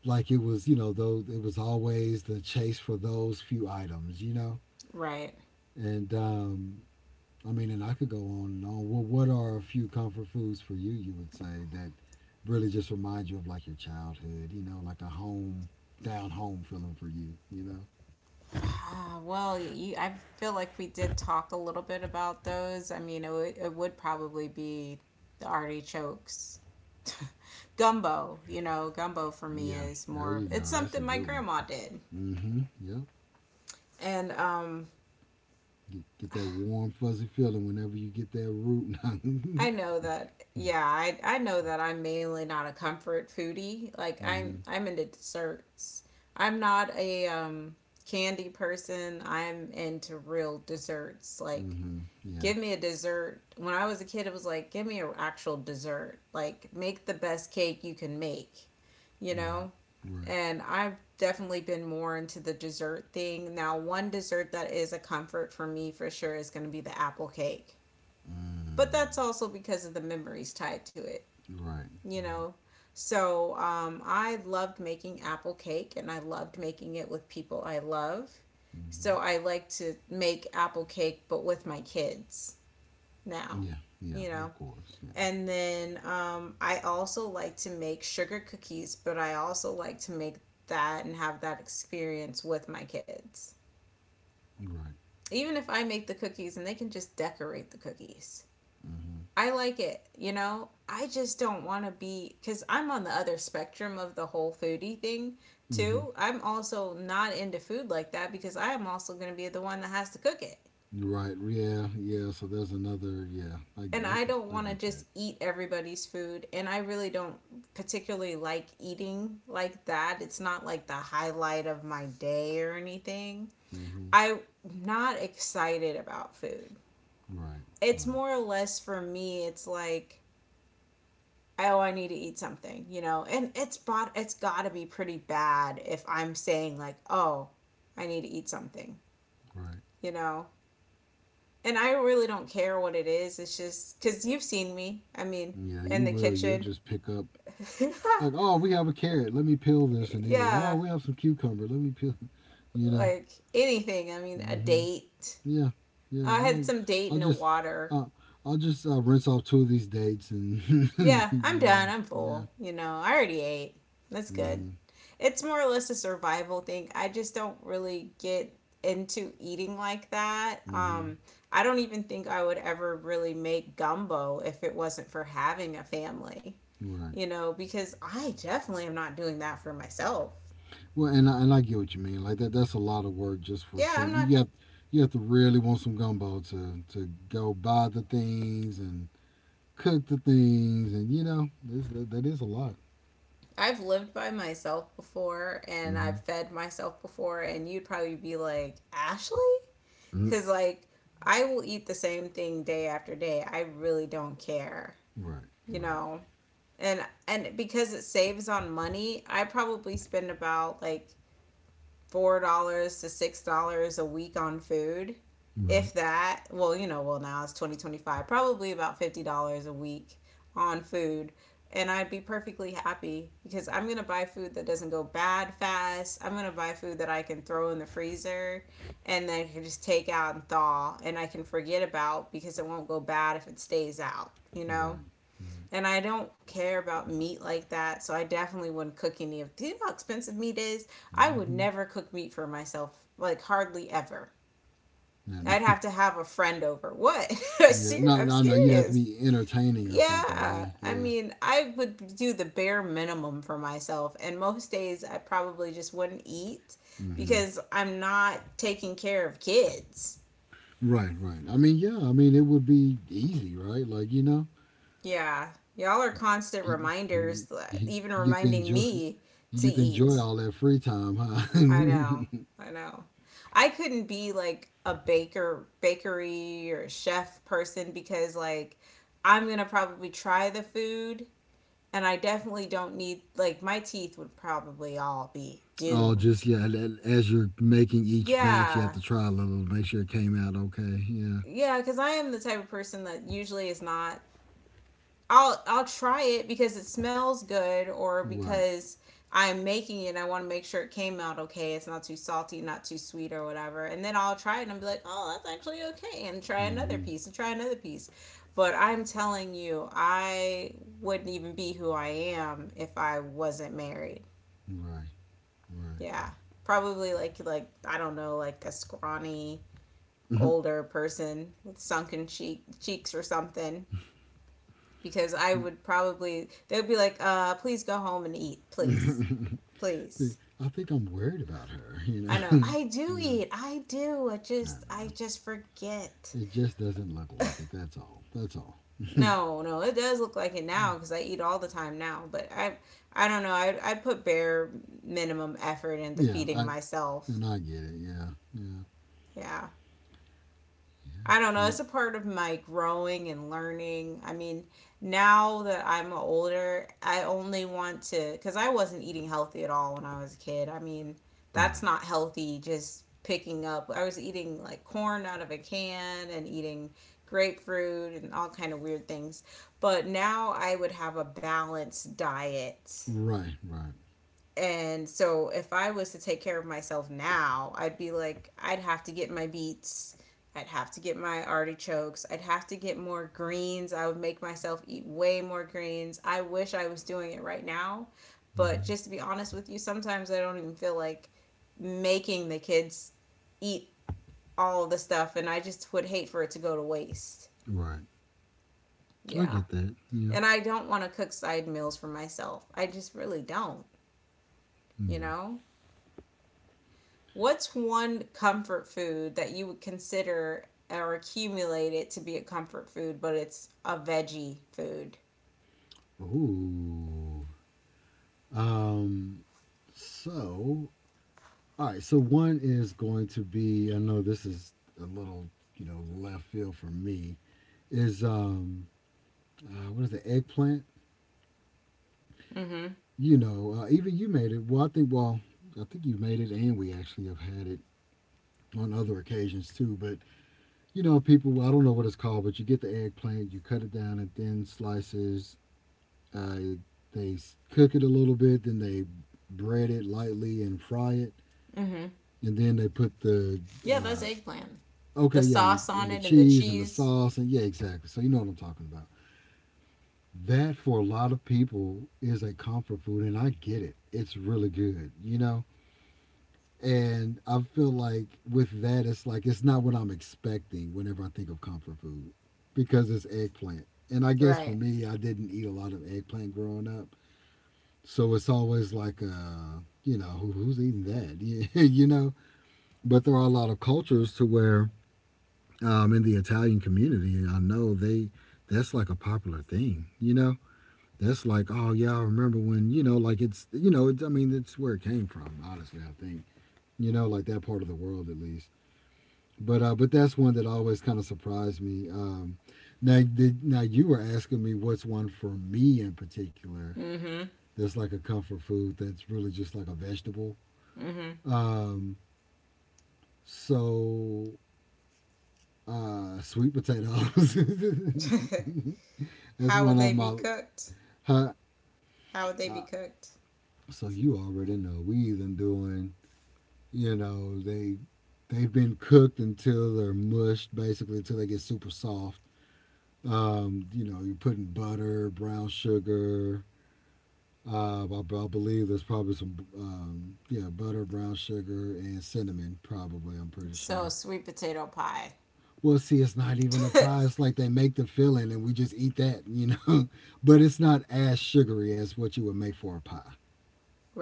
B: like it was, you know, though it was always the chase for those few items, you know.
A: Right.
B: And I mean, and I could go on and on. Well, what are a few comfort foods for you? You would say that really just remind you of like your childhood. You know, like a home, down home feeling for you. You know.
A: Ah, well, you, I feel like we did talk a little bit about those. I mean, it would probably be the artichokes. Gumbo, you know, gumbo for me
B: Yeah,
A: is
B: there
A: more
B: you
A: of,
B: go.
A: it's
B: That's a
A: something my
B: good one.
A: grandma did.
B: Mm-hmm. Yep.
A: And
B: Get that warm, fuzzy feeling whenever you get that root. Mm-hmm.
A: I know that, yeah, I know that I'm mainly not a comfort foodie. Like I'm into desserts. I'm not a candy person. I'm into real desserts, like
B: Mm-hmm. Yeah.
A: give me a dessert. When I was a kid, it was like, give me an actual dessert. Like, make the best cake you can make, you
B: Right.
A: know?
B: Right.
A: And I've definitely been more into the dessert thing. Now, one dessert that is a comfort for me for sure is going to be the apple cake. But that's
B: Mm.
A: also because of the memories tied to it,
B: Right.
A: you
B: Right.
A: know? So, I loved making apple cake and I loved making it with people I love.
B: Mm-hmm.
A: So, I like to make apple cake, but with my kids now,
B: Yeah. Yeah.
A: you
B: Of
A: know.
B: course. Yeah.
A: And then I also like to make sugar cookies, but I also like to make that and have that experience with my kids.
B: Right.
A: Even if I make the cookies and they can just decorate the cookies.
B: Mm-hmm.
A: I like it? I just don't want to be, because I'm on the other spectrum of the whole foodie thing
B: Mm-hmm.
A: too. I'm also not into food like that because I am also going to be the one that has to cook it.
B: Right. Yeah. Yeah. So there's another. Yeah.
A: And
B: I
A: I
B: could.
A: don't
B: I
A: want to
B: get that.
A: just eat everybody's food. And I really don't particularly like eating like that. It's not like the highlight of my day or anything.
B: Hmm.
A: I'm not excited about food.
B: Right.
A: It's
B: Right.
A: more or less for me, it's like, oh, I need to eat something? And it's got to be pretty bad if I'm saying, like, oh, I need to eat something,
B: Right.
A: you know? And I really don't care what it is. It's just because you've seen me. I mean,
B: Yeah.
A: in
B: You
A: the
B: will. You'll
A: kitchen
B: just pick up. Like, oh, we have a carrot. Let me peel this and eat it. Oh,
A: yeah,
B: we have some cucumber. Let me peel. You know.
A: like anything. I mean, a
B: Hmm.
A: date.
B: Yeah. Yeah.
A: I had
B: I'll.
A: some date
B: I'll
A: in the
B: just.
A: water.
B: Uh, I'll just rinse off two of these dates and.
A: Yeah, I'm
B: You
A: done.
B: know.
A: I'm
B: Yeah.
A: full. You know, I already ate. That's
B: Hmm.
A: good. It's more or less a survival thing. I just don't really get into eating like that.
B: Hmm.
A: I don't even think I would ever really make gumbo if it wasn't for having a family,
B: Right.
A: you know, because I definitely am not doing that for myself.
B: Well, and I get what you mean. Like that's a lot of work just for
A: Yeah, I'm
B: some.
A: not.
B: You have to really want some gumbo to go buy the things and cook the things, and you know, that is a lot.
A: I've lived by myself before and I've
B: Mm-hmm.
A: fed myself before, and you'd probably be like, Ashley?
B: Mm-hmm.
A: Because, like, I will eat the same thing day after day. I really don't care,
B: Right,
A: you
B: right.
A: know? And, and because it saves on money, I probably spend about like $4 to $6 a week on food
B: Right,
A: if that. Well, you know, well, now it's 2025, probably about $50 a week on food, and I'd be perfectly happy because I'm going to buy food that doesn't go bad fast. I'm going to buy food that I can throw in the freezer, and then I can just take out and thaw, and I can forget about because it won't go bad if it stays out, you
B: right,
A: know.
B: right.
A: And I don't care about meat like that, so I definitely wouldn't cook any of. Do you know how expensive meat is? I would
B: Mm-hmm.
A: never cook meat for myself, like hardly ever.
B: No, no.
A: I'd have to have a friend over. What?
B: Yeah, no,
A: I'm
B: no, no. You'd have to
A: serious.
B: be entertaining or something,
A: Yeah,
B: right?
A: I
B: Yeah.
A: mean, I would do the bare minimum for myself, and most days I probably just wouldn't eat
B: Mm-hmm.
A: because I'm not taking care of kids.
B: Right, right. I mean, yeah. I mean, it would be easy, right? Like you know,
A: Yeah, y'all are constant reminders, that- even
B: you get to
A: reminding
B: enjoy.
A: me
B: You
A: to
B: get to enjoy
A: eat.
B: all that free time, huh?
A: I know. I know. I couldn't be like a baker, bakery or chef person because like I'm going to probably try the food and I definitely don't need like my teeth would probably all be
B: Oh, just
A: doomed.
B: yeah. As you're making each batch, you have
A: Yeah.
B: to try a little to make sure it came out okay. Yeah.
A: Yeah, cuz I am the type of person that usually is not I'll try it because it smells good or
B: Right.
A: because I'm making it and I want to make sure it came out okay. It's not too salty, not too sweet or whatever. And then I'll try it and be like, "Oh, that's actually okay." And try another
B: Mm-hmm.
A: piece and try another piece. But I'm telling you, I wouldn't even be who I am if I wasn't married.
B: Right. Right.
A: Yeah. Probably like I don't know, like a scrawny older person with sunken cheeks or something because I would probably they'd be like, please go home and eat, please, please.
B: I think I'm worried about her. You
A: I know
B: know.
A: I do
B: Yeah.
A: eat, I do.
B: I
A: I
B: know.
A: just forget.
B: It just doesn't look like it. That's all. That's all.
A: No, no, it does look like it now because I eat all the time now. But I don't know. I put bare minimum effort into
B: Yeah.
A: feeding
B: I
A: myself.
B: And I get it. Yeah. Yeah.
A: Yeah. I don't know.
B: And-
A: It's a part of my growing and learning. I mean, now that I'm older, I only want to, because I wasn't eating healthy at all when I was a kid. I mean, that's not
B: right.
A: healthy, just picking up. I was eating like corn out of a can and eating grapefruit and all kind of weird things. But now I would have a balanced diet,
B: Right. Right.
A: and so if I was to take care of myself now, I'd be like, I'd have to get my beets. I'd have to get my artichokes. I'd have to get more greens. I would make myself eat way more greens. I wish I was doing it right now. But
B: Hmm.
A: just to be honest with you, sometimes I don't even feel like making the kids eat all the stuff. And I just would hate for it to go to waste.
B: Right. I
A: Yeah.
B: get that. Yeah.
A: And I don't want to cook side meals for myself. I just really don't, you
B: Yeah.
A: know? What's one comfort food that you would consider or accumulate it to be a comfort food, but it's a veggie food?
B: Oh. Um, so, all right. So one is going to be. I know this is a little, you know, left field for me. Is What is the eggplant?
A: Mm-hmm.
B: You know, even you made it. Well, I think. Well, I think you made it, and we actually have had it on other occasions too. But you know, people. Well, I don't know what it's called, but you get the eggplant, you cut it down in thin slices. Uh, they cook it a little bit, then they bread it lightly and fry it, and then they put the
A: Yeah, that's
B: uh,
A: eggplant.
B: okay,
A: The
B: yeah, and
A: sauce on
B: and the
A: it and the
B: cheese and the
A: cheese.
B: sauce and yeah, exactly. So you know what I'm talking about. That for a lot of people is a comfort food, and I get it. It's really good, you know. And I feel like with that, it's like it's not what I'm expecting whenever I think of comfort food because it's eggplant. And I guess for
A: Right.
B: me, I didn't eat a lot of eggplant growing up, so it's always like you know, who's eating that. You know. But there are a lot of cultures to where in the Italian community. I know they that's like a popular thing, you know. That's like, oh yeah, I remember when you know, like it's you know, it's, I mean, it's where it came from. Honestly, I think you know, like that part of the world at least. But that's one that always kind of surprised me. Now now you were asking me what's one for me in particular.
A: Mm-hmm.
B: That's like a comfort food. That's really just like a vegetable. Um, so Sweet potatoes. That's
A: How would
B: one of
A: they be
B: my—
A: cooked?
B: Huh?
A: How would they
B: Uh,
A: be cooked?
B: you already know we even doing. They they've been cooked until they're mushed, basically until they get super soft. You know you're putting butter, brown sugar. I believe there's probably some yeah, butter, brown sugar, and cinnamon. Probably. I'm pretty
A: So
B: sure.
A: sweet potato pie.
B: Well, see, it's not even a pie. It's like they make the filling and we just eat that, you know. But it's not as sugary as what you would make for a pie.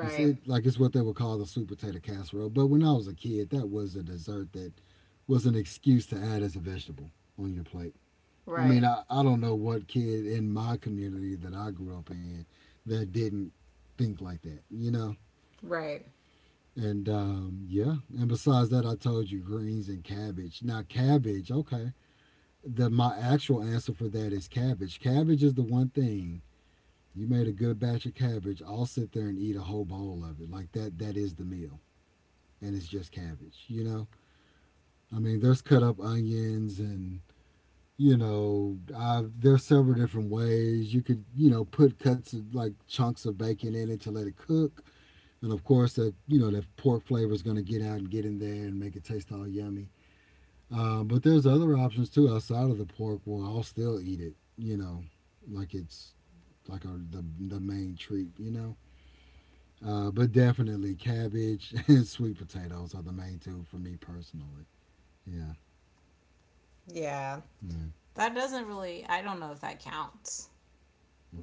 B: You see, it, like it's what they would call the sweet potato casserole. But when I was a kid, that was a dessert that was an excuse to add as a vegetable on your plate. I mean,
A: Right.
B: I don't know what kid in my community that I grew up in that didn't think like that, you know?
A: Right.
B: And Yeah, and besides that, I told you greens and cabbage. Now, cabbage, okay. My actual answer for that is cabbage. Cabbage is the one thing. You made a good batch of cabbage, I'll sit there and eat a whole bowl of it. Like that is the meal. And it's just cabbage. You know, I mean, there's cut up onions and there's several different ways you could you know put cuts of like chunks of bacon in it to let it cook, and of course that you know that pork flavor is gonna get out and get in there and make it taste all yummy. But there's other options too outside of the pork where I'll still eat it. You know, like it's like a, the main treat. You know. But definitely cabbage and sweet potatoes are the main two for me personally. Yeah,
A: Yeah.
B: yeah.
A: That doesn't really. I don't know if that counts.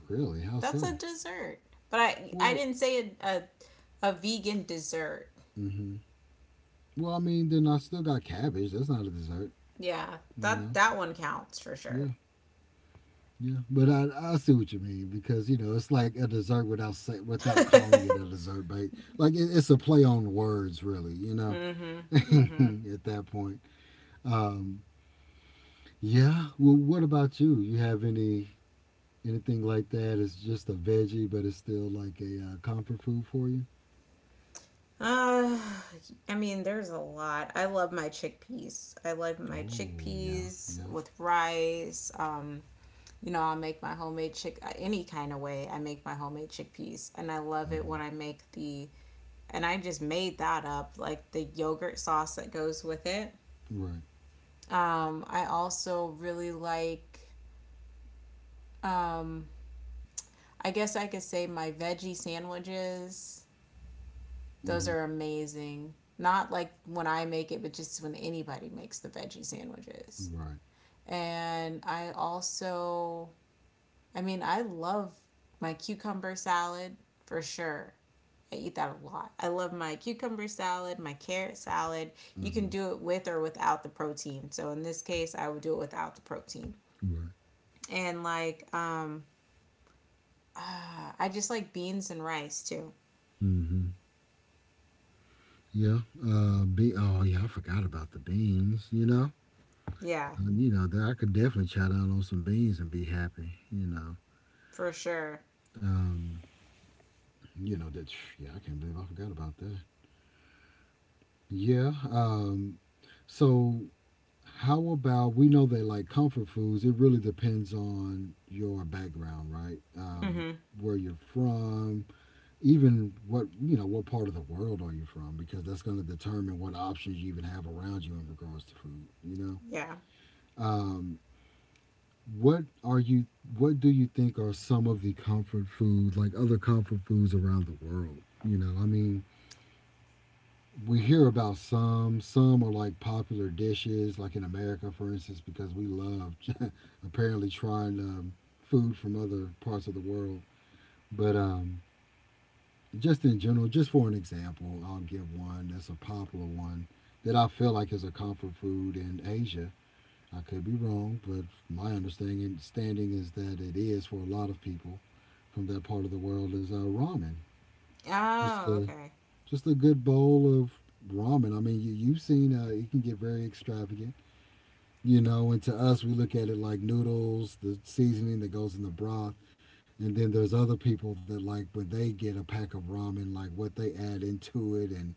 B: Really? How
A: That's
B: so?
A: a dessert. But I
B: Well,
A: didn't say a vegan dessert.
B: hmm. Well, I mean, then I still got cabbage. That's not a dessert,
A: Yeah,
B: you
A: that
B: know.
A: that one counts for sure.
B: Yeah, yeah. But I see what you mean because you know it's like a dessert without say, without calling it a dessert, but like it's a play on words, really. You know,
A: Mhm. Mhm.
B: at that point. Um, yeah. Well, what about you? You have any Anything like that? It's just a veggie, but it's still like a comfort food for you.
A: Uh, I mean, there's a lot. I love my chickpeas. I love my
B: Oh yeah,
A: chickpeas
B: yeah.
A: with rice. You know, I'll make my homemade chick any kind of way. I make my homemade chickpeas, and I love it
B: Hmm.
A: when I make the and I just made that up, like the yogurt sauce that goes with it.
B: Right.
A: I also really like, I guess I could say my veggie sandwiches. Those
B: Hmm.
A: are amazing. Not like when I make it, but just when anybody makes the veggie sandwiches.
B: Right.
A: And I also, I mean, I love my cucumber salad for sure. I eat that a lot. I love my cucumber salad, my carrot salad. You
B: Hmm.
A: can do it with or without the protein. So in this case, I would do it without the protein.
B: Right.
A: And like I just like beans and rice too.
B: Hmm. Yeah. Yeah, I forgot about the beans, you know?
A: Yeah,
B: You know, that I could definitely chat out on some beans and be happy, you know?
A: for sure.
B: Um, you know, that, yeah, I can't believe I forgot about that. Yeah. Um, so, how about we know that like comfort foods, it really depends on your background, right?
A: Mhm.
B: Where you're from, even what you know what part of the world are you from, because that's going to determine what options you even have around you in regards to food, you know.
A: Yeah.
B: um, what are you what do you think are some of the comfort foods like other comfort foods around the world, you know. I mean, we hear about some are like popular dishes like in America for instance because we love apparently trying food from other parts of the world, but just in general, just for an example, I'll give one that's a popular one that I feel like is a comfort food in Asia. I could be wrong, but my understanding standing is that it is for a lot of people from that part of the world is ramen. Just
A: Oh,
B: a
A: okay.
B: good bowl of ramen. I mean, you've seen it can get very extravagant, you know. And to us, we look at it like noodles, the seasoning that goes in the broth. And then there's other people that like when they get a pack of ramen, like what they add into it and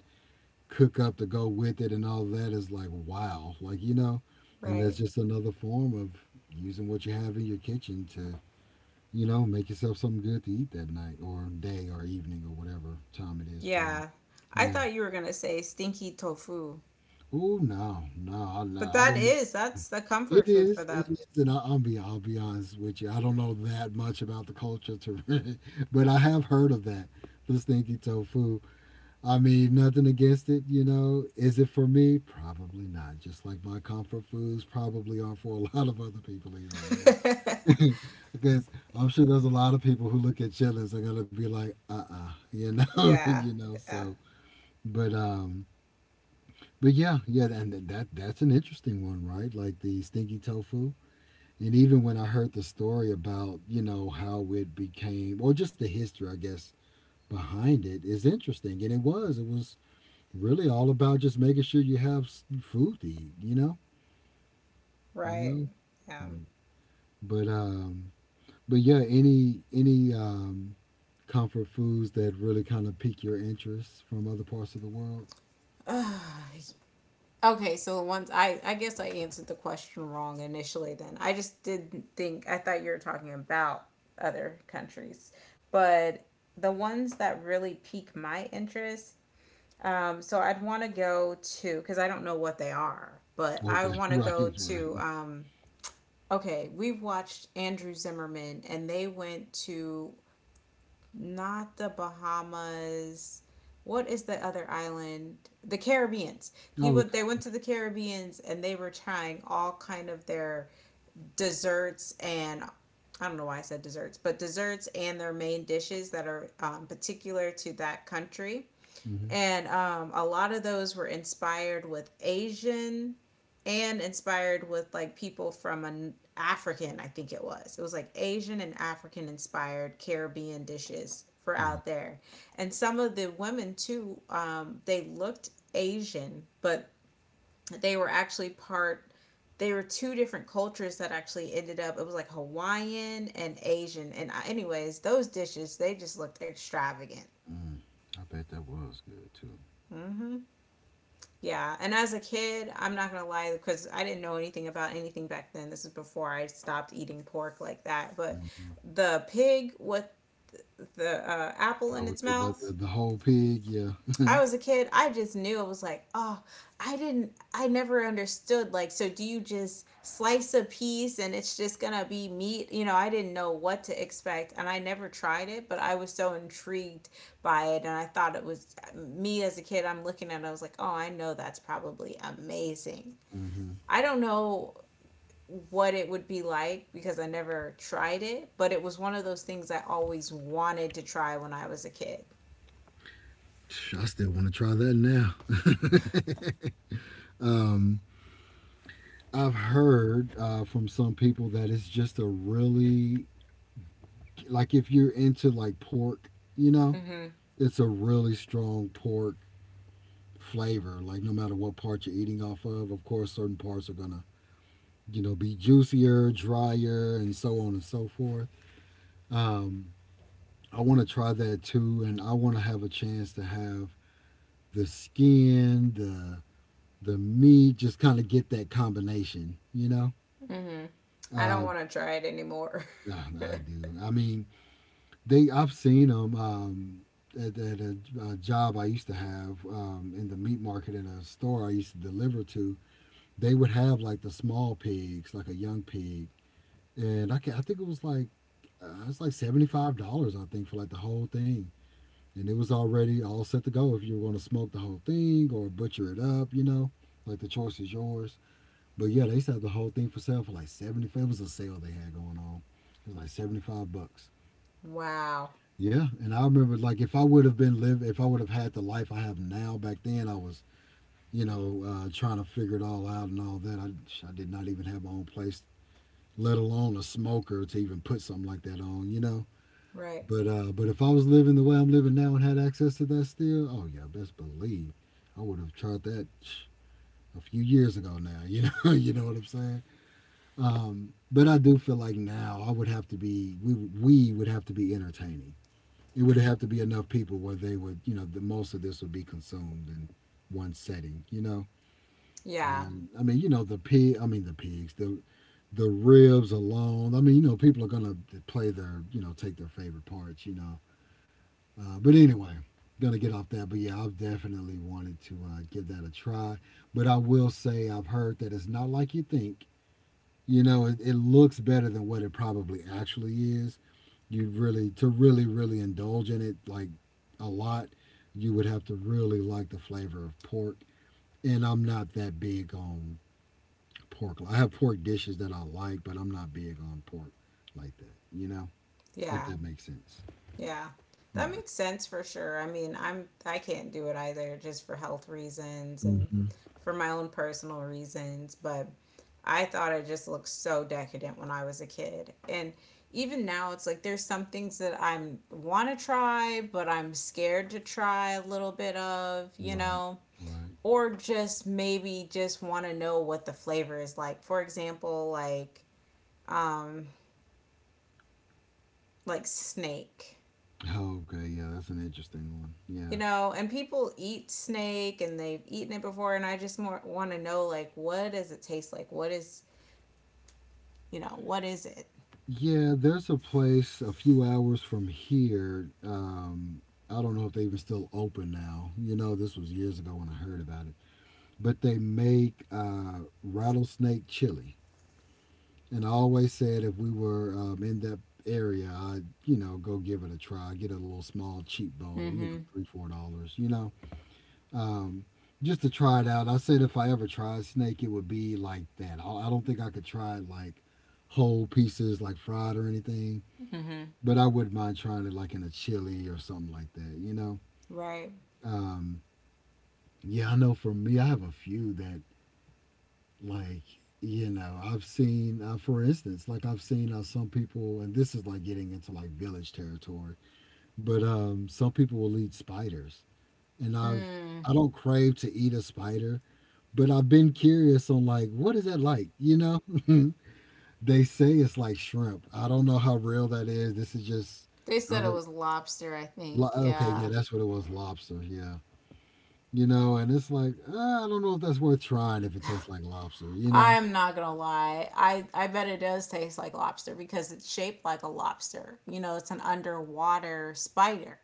B: cook up to go with it and all that is like, wow, like and that's
A: Right.
B: just another form of using what you have in your kitchen to make yourself something good to eat that night or day or evening or whatever time it is for you.
A: Yeah. I
B: Yeah.
A: thought you were going to say stinky tofu.
B: Oh, no, no. I, no,
A: But
B: I
A: that
B: don't know.
A: is that's the comfort
B: It
A: food for
B: is,
A: them.
B: it is. And I, I'll be honest with you, I don't know that much about the culture to but I have heard of that, this stinky tofu. I mean, nothing against it. Is it for me? Probably not. Just like my comfort foods probably aren't for a lot of other people either, you know. Because I'm sure there's a lot of people who look at chillers are gonna be like, uh-uh,
A: yeah. Yeah.
B: So, but um, but yeah, yeah, and that's an interesting one, right? Like the stinky tofu. And even when I heard the story about, you know, how it became, or just the history, I guess, behind it is interesting. And it was really all about just making sure you have s- food to eat, you
A: Right.
B: know. Mm. But but yeah, any comfort foods that really kind of pique your interest from other parts of the world.
A: Yeah. Okay, so once I guess I answered the question wrong initially then. I just didn't think. I thought you were talking about other countries. But the ones that really pique my interest, so I'd want to go to cuz I don't know what they are, but I
B: Okay,
A: would want to
B: right,
A: go to
B: right.
A: okay, we watched Andrew Zimmerman and they went to not the Bahamas. What is the other island? The Caribbeans. He
B: Oh,
A: would they
B: okay.
A: went to the Caribbeans and they were trying all kind of their desserts and I don't know why I said desserts, but desserts and their main dishes that are particular to that country,
B: Hmm.
A: and a lot of those were inspired with Asian and inspired with like people from an African, I think it was. It was like Asian and African inspired Caribbean dishes for
B: Right.
A: out there. And some of the women too, they looked Asian, but they were actually part. They were two different cultures that actually ended up. It was like Hawaiian and Asian. And anyways, those dishes they just looked extravagant.
B: Mm. I bet that was good too.
A: Hmm. Yeah, and as a kid, I'm not gonna lie because I didn't know anything about anything back then. This is before I stopped eating pork like that. But
B: Hmm.
A: the pig with the apple
B: I
A: in
B: would
A: its
B: like
A: mouth,
B: the whole pig. Yeah.
A: I was a kid, I just knew I was like, oh, I never understood. Like, so do you just slice a piece and it's just gonna be meat? You know, I didn't know what to expect and I never tried it, but I was so intrigued by it. And I thought it was me as a kid, I'm looking at it, I was like, oh, I know that's probably amazing.
B: Hmm.
A: I don't know what it would be like because I never tried it, but it was one of those things I always wanted to try when I was a kid.
B: Sh- I still want to try that now. um, I've heard from some people that it's just a really— like if you're into like pork, you know,
A: Mm-hmm.
B: it's a really strong pork flavor. Like no matter what part you're eating off of course, certain parts are gonna be juicier, drier, and so on and so forth. Um, I want to try that too, and I want to have a chance to have the skin, the meat, just kind of get that combination, you know.
A: Mm-hmm. I don't
B: Uh,
A: want to try it anymore.
B: I do. I mean, they, I've seen them at a job I used to have in the meat market in a store I used to deliver to. They would have like the small pigs, like a young pig, and I can, I think it was like $75 I think for like the whole thing, and it was already all set to go if you were going to smoke the whole thing or butcher it up, you know, like the choice is yours. But yeah, they used to have the whole thing for sale for like 75. It was a sale they had going on. It was like $75.
A: Wow.
B: Yeah, and I remember like if I would have been live, if I would have had the life I have now back then, I was trying to figure it all out and all that. I did not even have my own place, let alone a smoker to even put something like that on. You know,
A: Right.
B: but if I was living the way I'm living now and had access to that still, oh yeah, best believe I would have tried that a few years ago now. You know, you know what I'm saying. But I do feel like now I would have to be— we would have to be entertaining— it would have to be enough people where they would, you know, the most of this would be consumed in one setting, you know.
A: Yeah.
B: And I mean, you know, the pig. I mean, the pigs. The ribs alone. I mean, you know, people are gonna play their, you know, take their favorite parts, you know. But anyway, gonna get off that. But yeah, I've definitely wanted to give that a try. But I will say, I've heard that it's not like you think. You know, it looks better than what it probably actually is. You really— to really really indulge in it like a lot, you would have to really like the flavor of pork, and I'm not that big on pork. I have pork dishes that I like, but I'm not big on pork like that, you know, if
A: Yeah.
B: that makes sense.
A: Yeah. That
B: Yeah.
A: makes sense for sure. I mean, I can't do it either just for health reasons and
B: Hmm.
A: for my own personal reasons. But I thought it just looked so decadent when I was a kid. And even now it's like there's some things that I'm want to try, but I'm scared to try a little bit of,
B: Right, right.
A: Or just maybe just want to know what the flavor is like. For example, um like snake.
B: Oh, okay, yeah, that's an interesting one, yeah.
A: You know, and people eat snake and they've eaten it before, and I just more want to know like what does it taste like? What is, what is it?
B: Yeah, there's a place a few hours from here, I don't know if they even still open now, you know, this was years ago when I heard about it, but they make rattlesnake chili. And I always said if we were in that area, I'd, you know, go give it a try, get a little small cheap bowl, you know,
A: Mhm.
B: three, $4, you know, um, just to try it out. I said if I ever tried snake, it would be like that. I don't think I could try it like whole pieces, like fried or anything,
A: Mhm.
B: but I wouldn't mind trying it like in a chili or something like that, you know.
A: Right?
B: Um, yeah, I know for me, I have a few that, like, you know, I've seen for instance, like I've seen how some people— and this is like getting into like village territory— but some people will eat spiders, and I've—
A: Mm.
B: I don't crave to eat a spider, but I've been curious on like, what is that like, you know? They say it's like shrimp. I don't know how real that is. This is just
A: They said it
B: other—
A: was lobster, I
B: lo-
A: think.
B: okay, yeah,
A: Yeah.
B: that's what it was, lobster, yeah. You know, and it's like, I don't know if that's worth trying if it tastes like lobster, you know.
A: I'm not gonna lie. I bet it does taste like lobster because it's shaped like a lobster. You know, it's an underwater spider.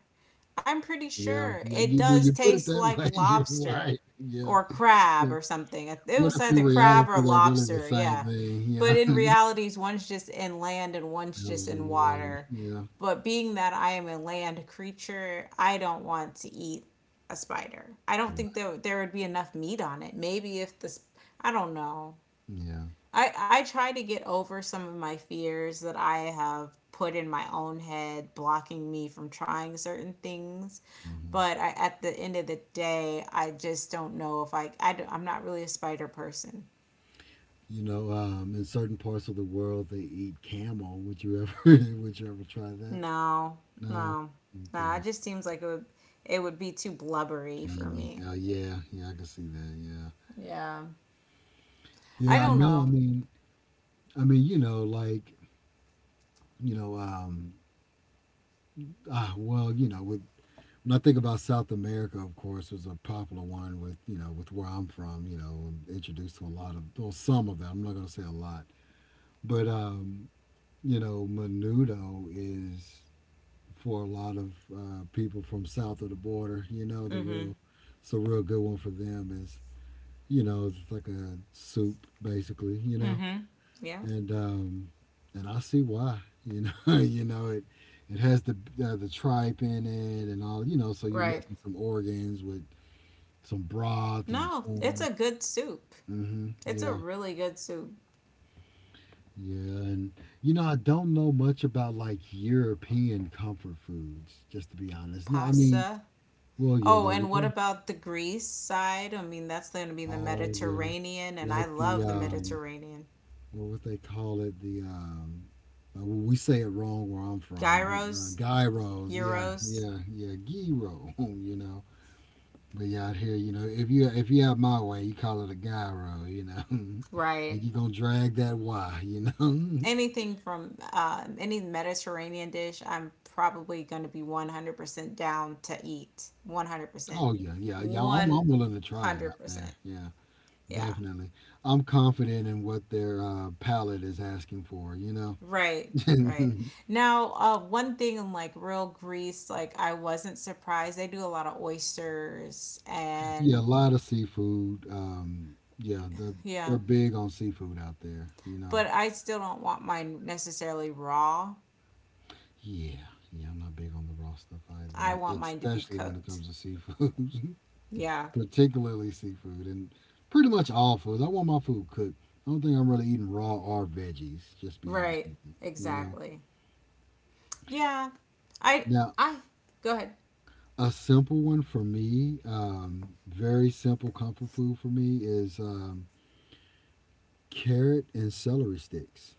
A: I'm pretty
B: Yeah,
A: sure
B: yeah.
A: it
B: You— when
A: does
B: you put it
A: taste
B: that
A: like
B: way, you're
A: lobster,
B: right. Yeah,
A: or crab
B: yeah.
A: or something. It
B: What
A: was
B: if in
A: either crab or
B: reality they're really the
A: lobster,
B: same
A: yeah.
B: thing?
A: But
B: Yeah,
A: in realities, one's just in land and one's just
B: feathers in
A: in
B: the water.
A: water.
B: Yeah,
A: But being that I am a land creature, I don't want to eat a spider. I don't think
B: right.
A: there would be enough meat on it. Maybe if the I don't know.
B: Yeah.
A: I try to get over some of my fears that I have put in my own head, blocking me from trying certain things.
B: Hmm.
A: But I, at the end of the day, I just don't know if I'm not really a spider person.
B: You know, in certain parts of the world, they eat camel. Would you ever? Would you ever try that?
A: No,
B: No.
A: no, no.
B: Okay.
A: It just seems like it would be too blubbery for
B: Gamey.
A: me.
B: Oh yeah, yeah. I can see that. Yeah.
A: Yeah. I
B: Yeah. I
A: don't
B: know.
A: know.
B: I mean, you know, like, you know, um, ah, well, you know, with— when I think about South America, of course, was a popular one with, you know, with where I'm from. You know, introduced to a lot of, or some of that. I'm not going to say a lot, but you know, menudo is for a lot of people from south of the border. You know, the
A: Mm-hmm.
B: real— so real good one for them is, you know, it's like a soup basically. You know,
A: Mm-hmm. Yeah.
B: and and I see why. You know, you know it. It has the tripe in it and all. You know, so you're
A: Right.
B: mixing some organs with some broth and
A: No, it's
B: corn.
A: a good soup.
B: Hmm.
A: It's a
B: Yeah.
A: really good soup.
B: Yeah. And, you know, I don't know much about like European comfort foods, just to be honest. No, I mean,
A: Pasta.
B: well, yeah,
A: Oh,
B: there we
A: and what
B: go.
A: about the Greece side? I mean, that's going to be the
B: Oh, yeah.
A: Mediterranean, and I
B: Like the,
A: love the Mediterranean.
B: well, what would they call it? The, well, we say it wrong where I'm from, but
A: Gyros,
B: gyros, yeah,
A: euros.
B: yeah, yeah, gyro, you know. But yeah, out here, you know, if you— if you have my way, you call it a gyro, you know.
A: Right.
B: And you gonna drag that Y, you know.
A: Anything from any Mediterranean dish, I'm probably going to be 100% down to eat. 100%.
B: Oh yeah, yeah, yeah. I'm
A: 100%.
B: willing to try it out there. Yeah,
A: Yeah.
B: definitely. I'm confident in what their palate is asking for. You
A: Right. Right.
B: know,
A: Now, one thing in like real Greece, like I wasn't surprised. They do a lot of oysters and
B: yeah, a lot of seafood. Yeah, the,
A: yeah,
B: they're big on seafood out there. You
A: but
B: know,
A: I still don't want mine necessarily raw.
B: yeah, yeah. I'm not big on the raw stuff
A: I
B: either,
A: want mine to be
B: especially when it
A: cooked.
B: comes to seafood,
A: Yeah.
B: particularly seafood and pretty much all foods. I want my food cooked. I don't think I'm really eating raw or veggies. Just be honest
A: Right.
B: with you. You know.
A: Exactly. Yeah. I
B: Now,
A: I go ahead.
B: a simple one for me, very simple comfort food for me is carrot and celery sticks.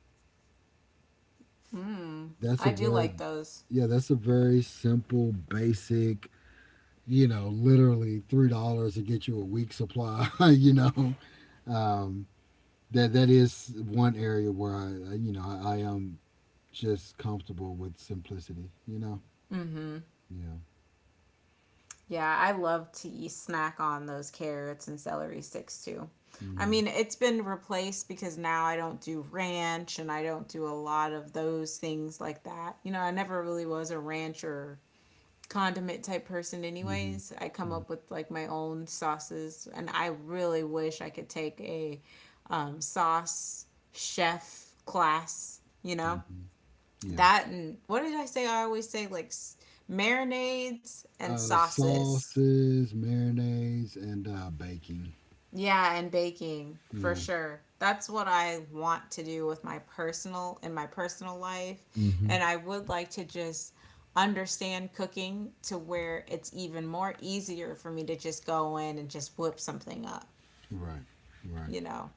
A: Mm,
B: That's
A: I
B: a
A: do
B: very—
A: like those.
B: yeah, that's a very simple, basic. You know, literally $3 to get you a week supply. You know, um, that that is one area where I, you know, I am just comfortable with simplicity. You know,
A: Mhm.
B: yeah,
A: Yeah, I love to eat snack on those carrots and celery sticks too. I
B: mm-hmm.
A: mean, it's been replaced because now I don't do ranch and I don't do a lot of those things like that. You know, I never really was a rancher condiment type person
B: Mm-hmm.
A: anyways. I come
B: Yeah,
A: up with like my own sauces, and I really wish I could take a sauce chef class, you know.
B: mm-hmm. Yeah.
A: That, and what did I say? I always say like marinades and sauces.
B: Sauces, marinades, and baking.
A: Yeah, and baking for
B: Yeah.
A: sure. That's what I want to do with my personal life,
B: Mm-hmm.
A: and I would like to just understand cooking to where it's even more easier for me to just go in and just whip something up,
B: Right. Right.
A: you know.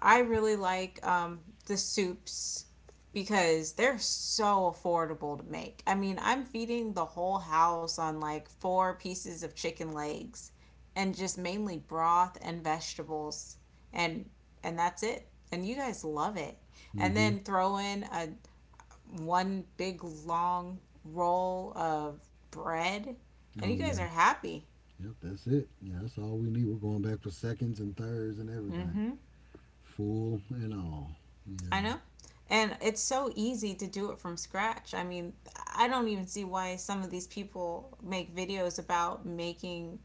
A: I really like the soups because they're so affordable to make. I mean, I'm feeding the whole house on like four pieces of chicken legs and just mainly broth and vegetables, and and that's it. And you guys love it. And
B: Mm-hmm.
A: then throw in a one big long roll of bread, and
B: Oh
A: you guys
B: yeah.
A: are happy.
B: Yep. That's it. Yeah. That's all we need. We're going back for seconds and thirds and everything,
A: Mhm.
B: full and all.
A: I
B: Yeah.
A: know. And it's so easy to do it from scratch. I mean, I don't even see why some of these people make videos about making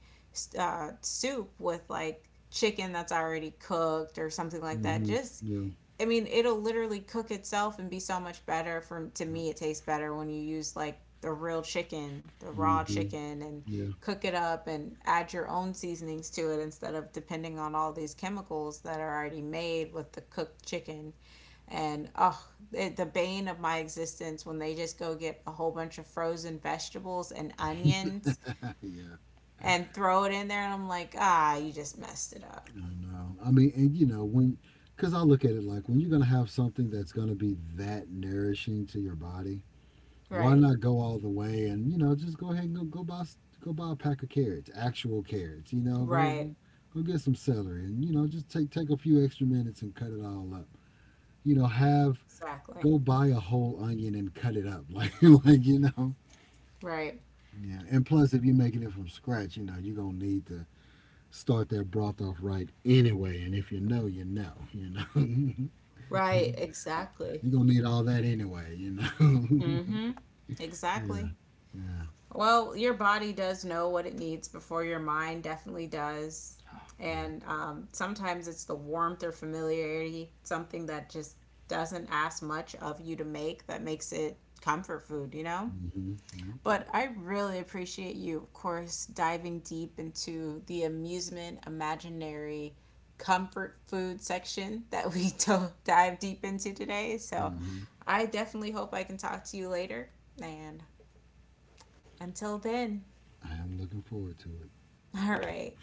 A: soup with like chicken that's already cooked or something like that.
B: Mm-hmm.
A: Just,
B: Yeah.
A: I mean, it'll literally cook itself and be so much better. From to
B: Yep.
A: me, it tastes better when you use like the real chicken, the raw
B: Mm-hmm.
A: chicken, and
B: Yeah.
A: cook it up and add your own seasonings to it instead of depending on all these chemicals that are already made with the cooked chicken. And oh, it, the bane of my existence when they just go get a whole bunch of frozen vegetables and onions
B: Yeah.
A: and throw it in there, and I'm like, ah, you just messed it up.
B: I know. I mean, and you know, when— because I look at it like when you're gonna have something that's gonna be that nourishing to your body, why
A: Right,
B: not go all the way and, you know, just go ahead and go, go buy s- go buy a pack of carrots, actual carrots. You know, go go
A: right,
B: go get some celery and, you know, just take take a few extra minutes and cut it all up. You know, have—
A: exactly,
B: go buy a whole onion and cut it up like, you know.
A: right,
B: Yeah, and plus if you're making it from scratch, you know you're gonna need to start that broth off right anyway. And if you know, you know, you know. So you,
A: right,
B: uh,
A: exactly.
B: you're gonna need all that anyway, you know.
A: Mm-hmm,
B: Yeah,
A: exactly.
B: yeah,
A: Well, your body does know what it needs before your mind definitely does.
B: yeah.
A: And sometimes it's the warmth or familiarity, something that just doesn't ask much of you to make, that makes it comfort food, you know?
B: Mm-hmm. Yeah.
A: But I really appreciate you, of course, diving deep into the amusement, imaginary, comfort food section that we don't dive deep into today. So
B: Hmm.
A: I definitely hope I can talk to you later. And until then,
B: I am looking forward to it.
A: all right.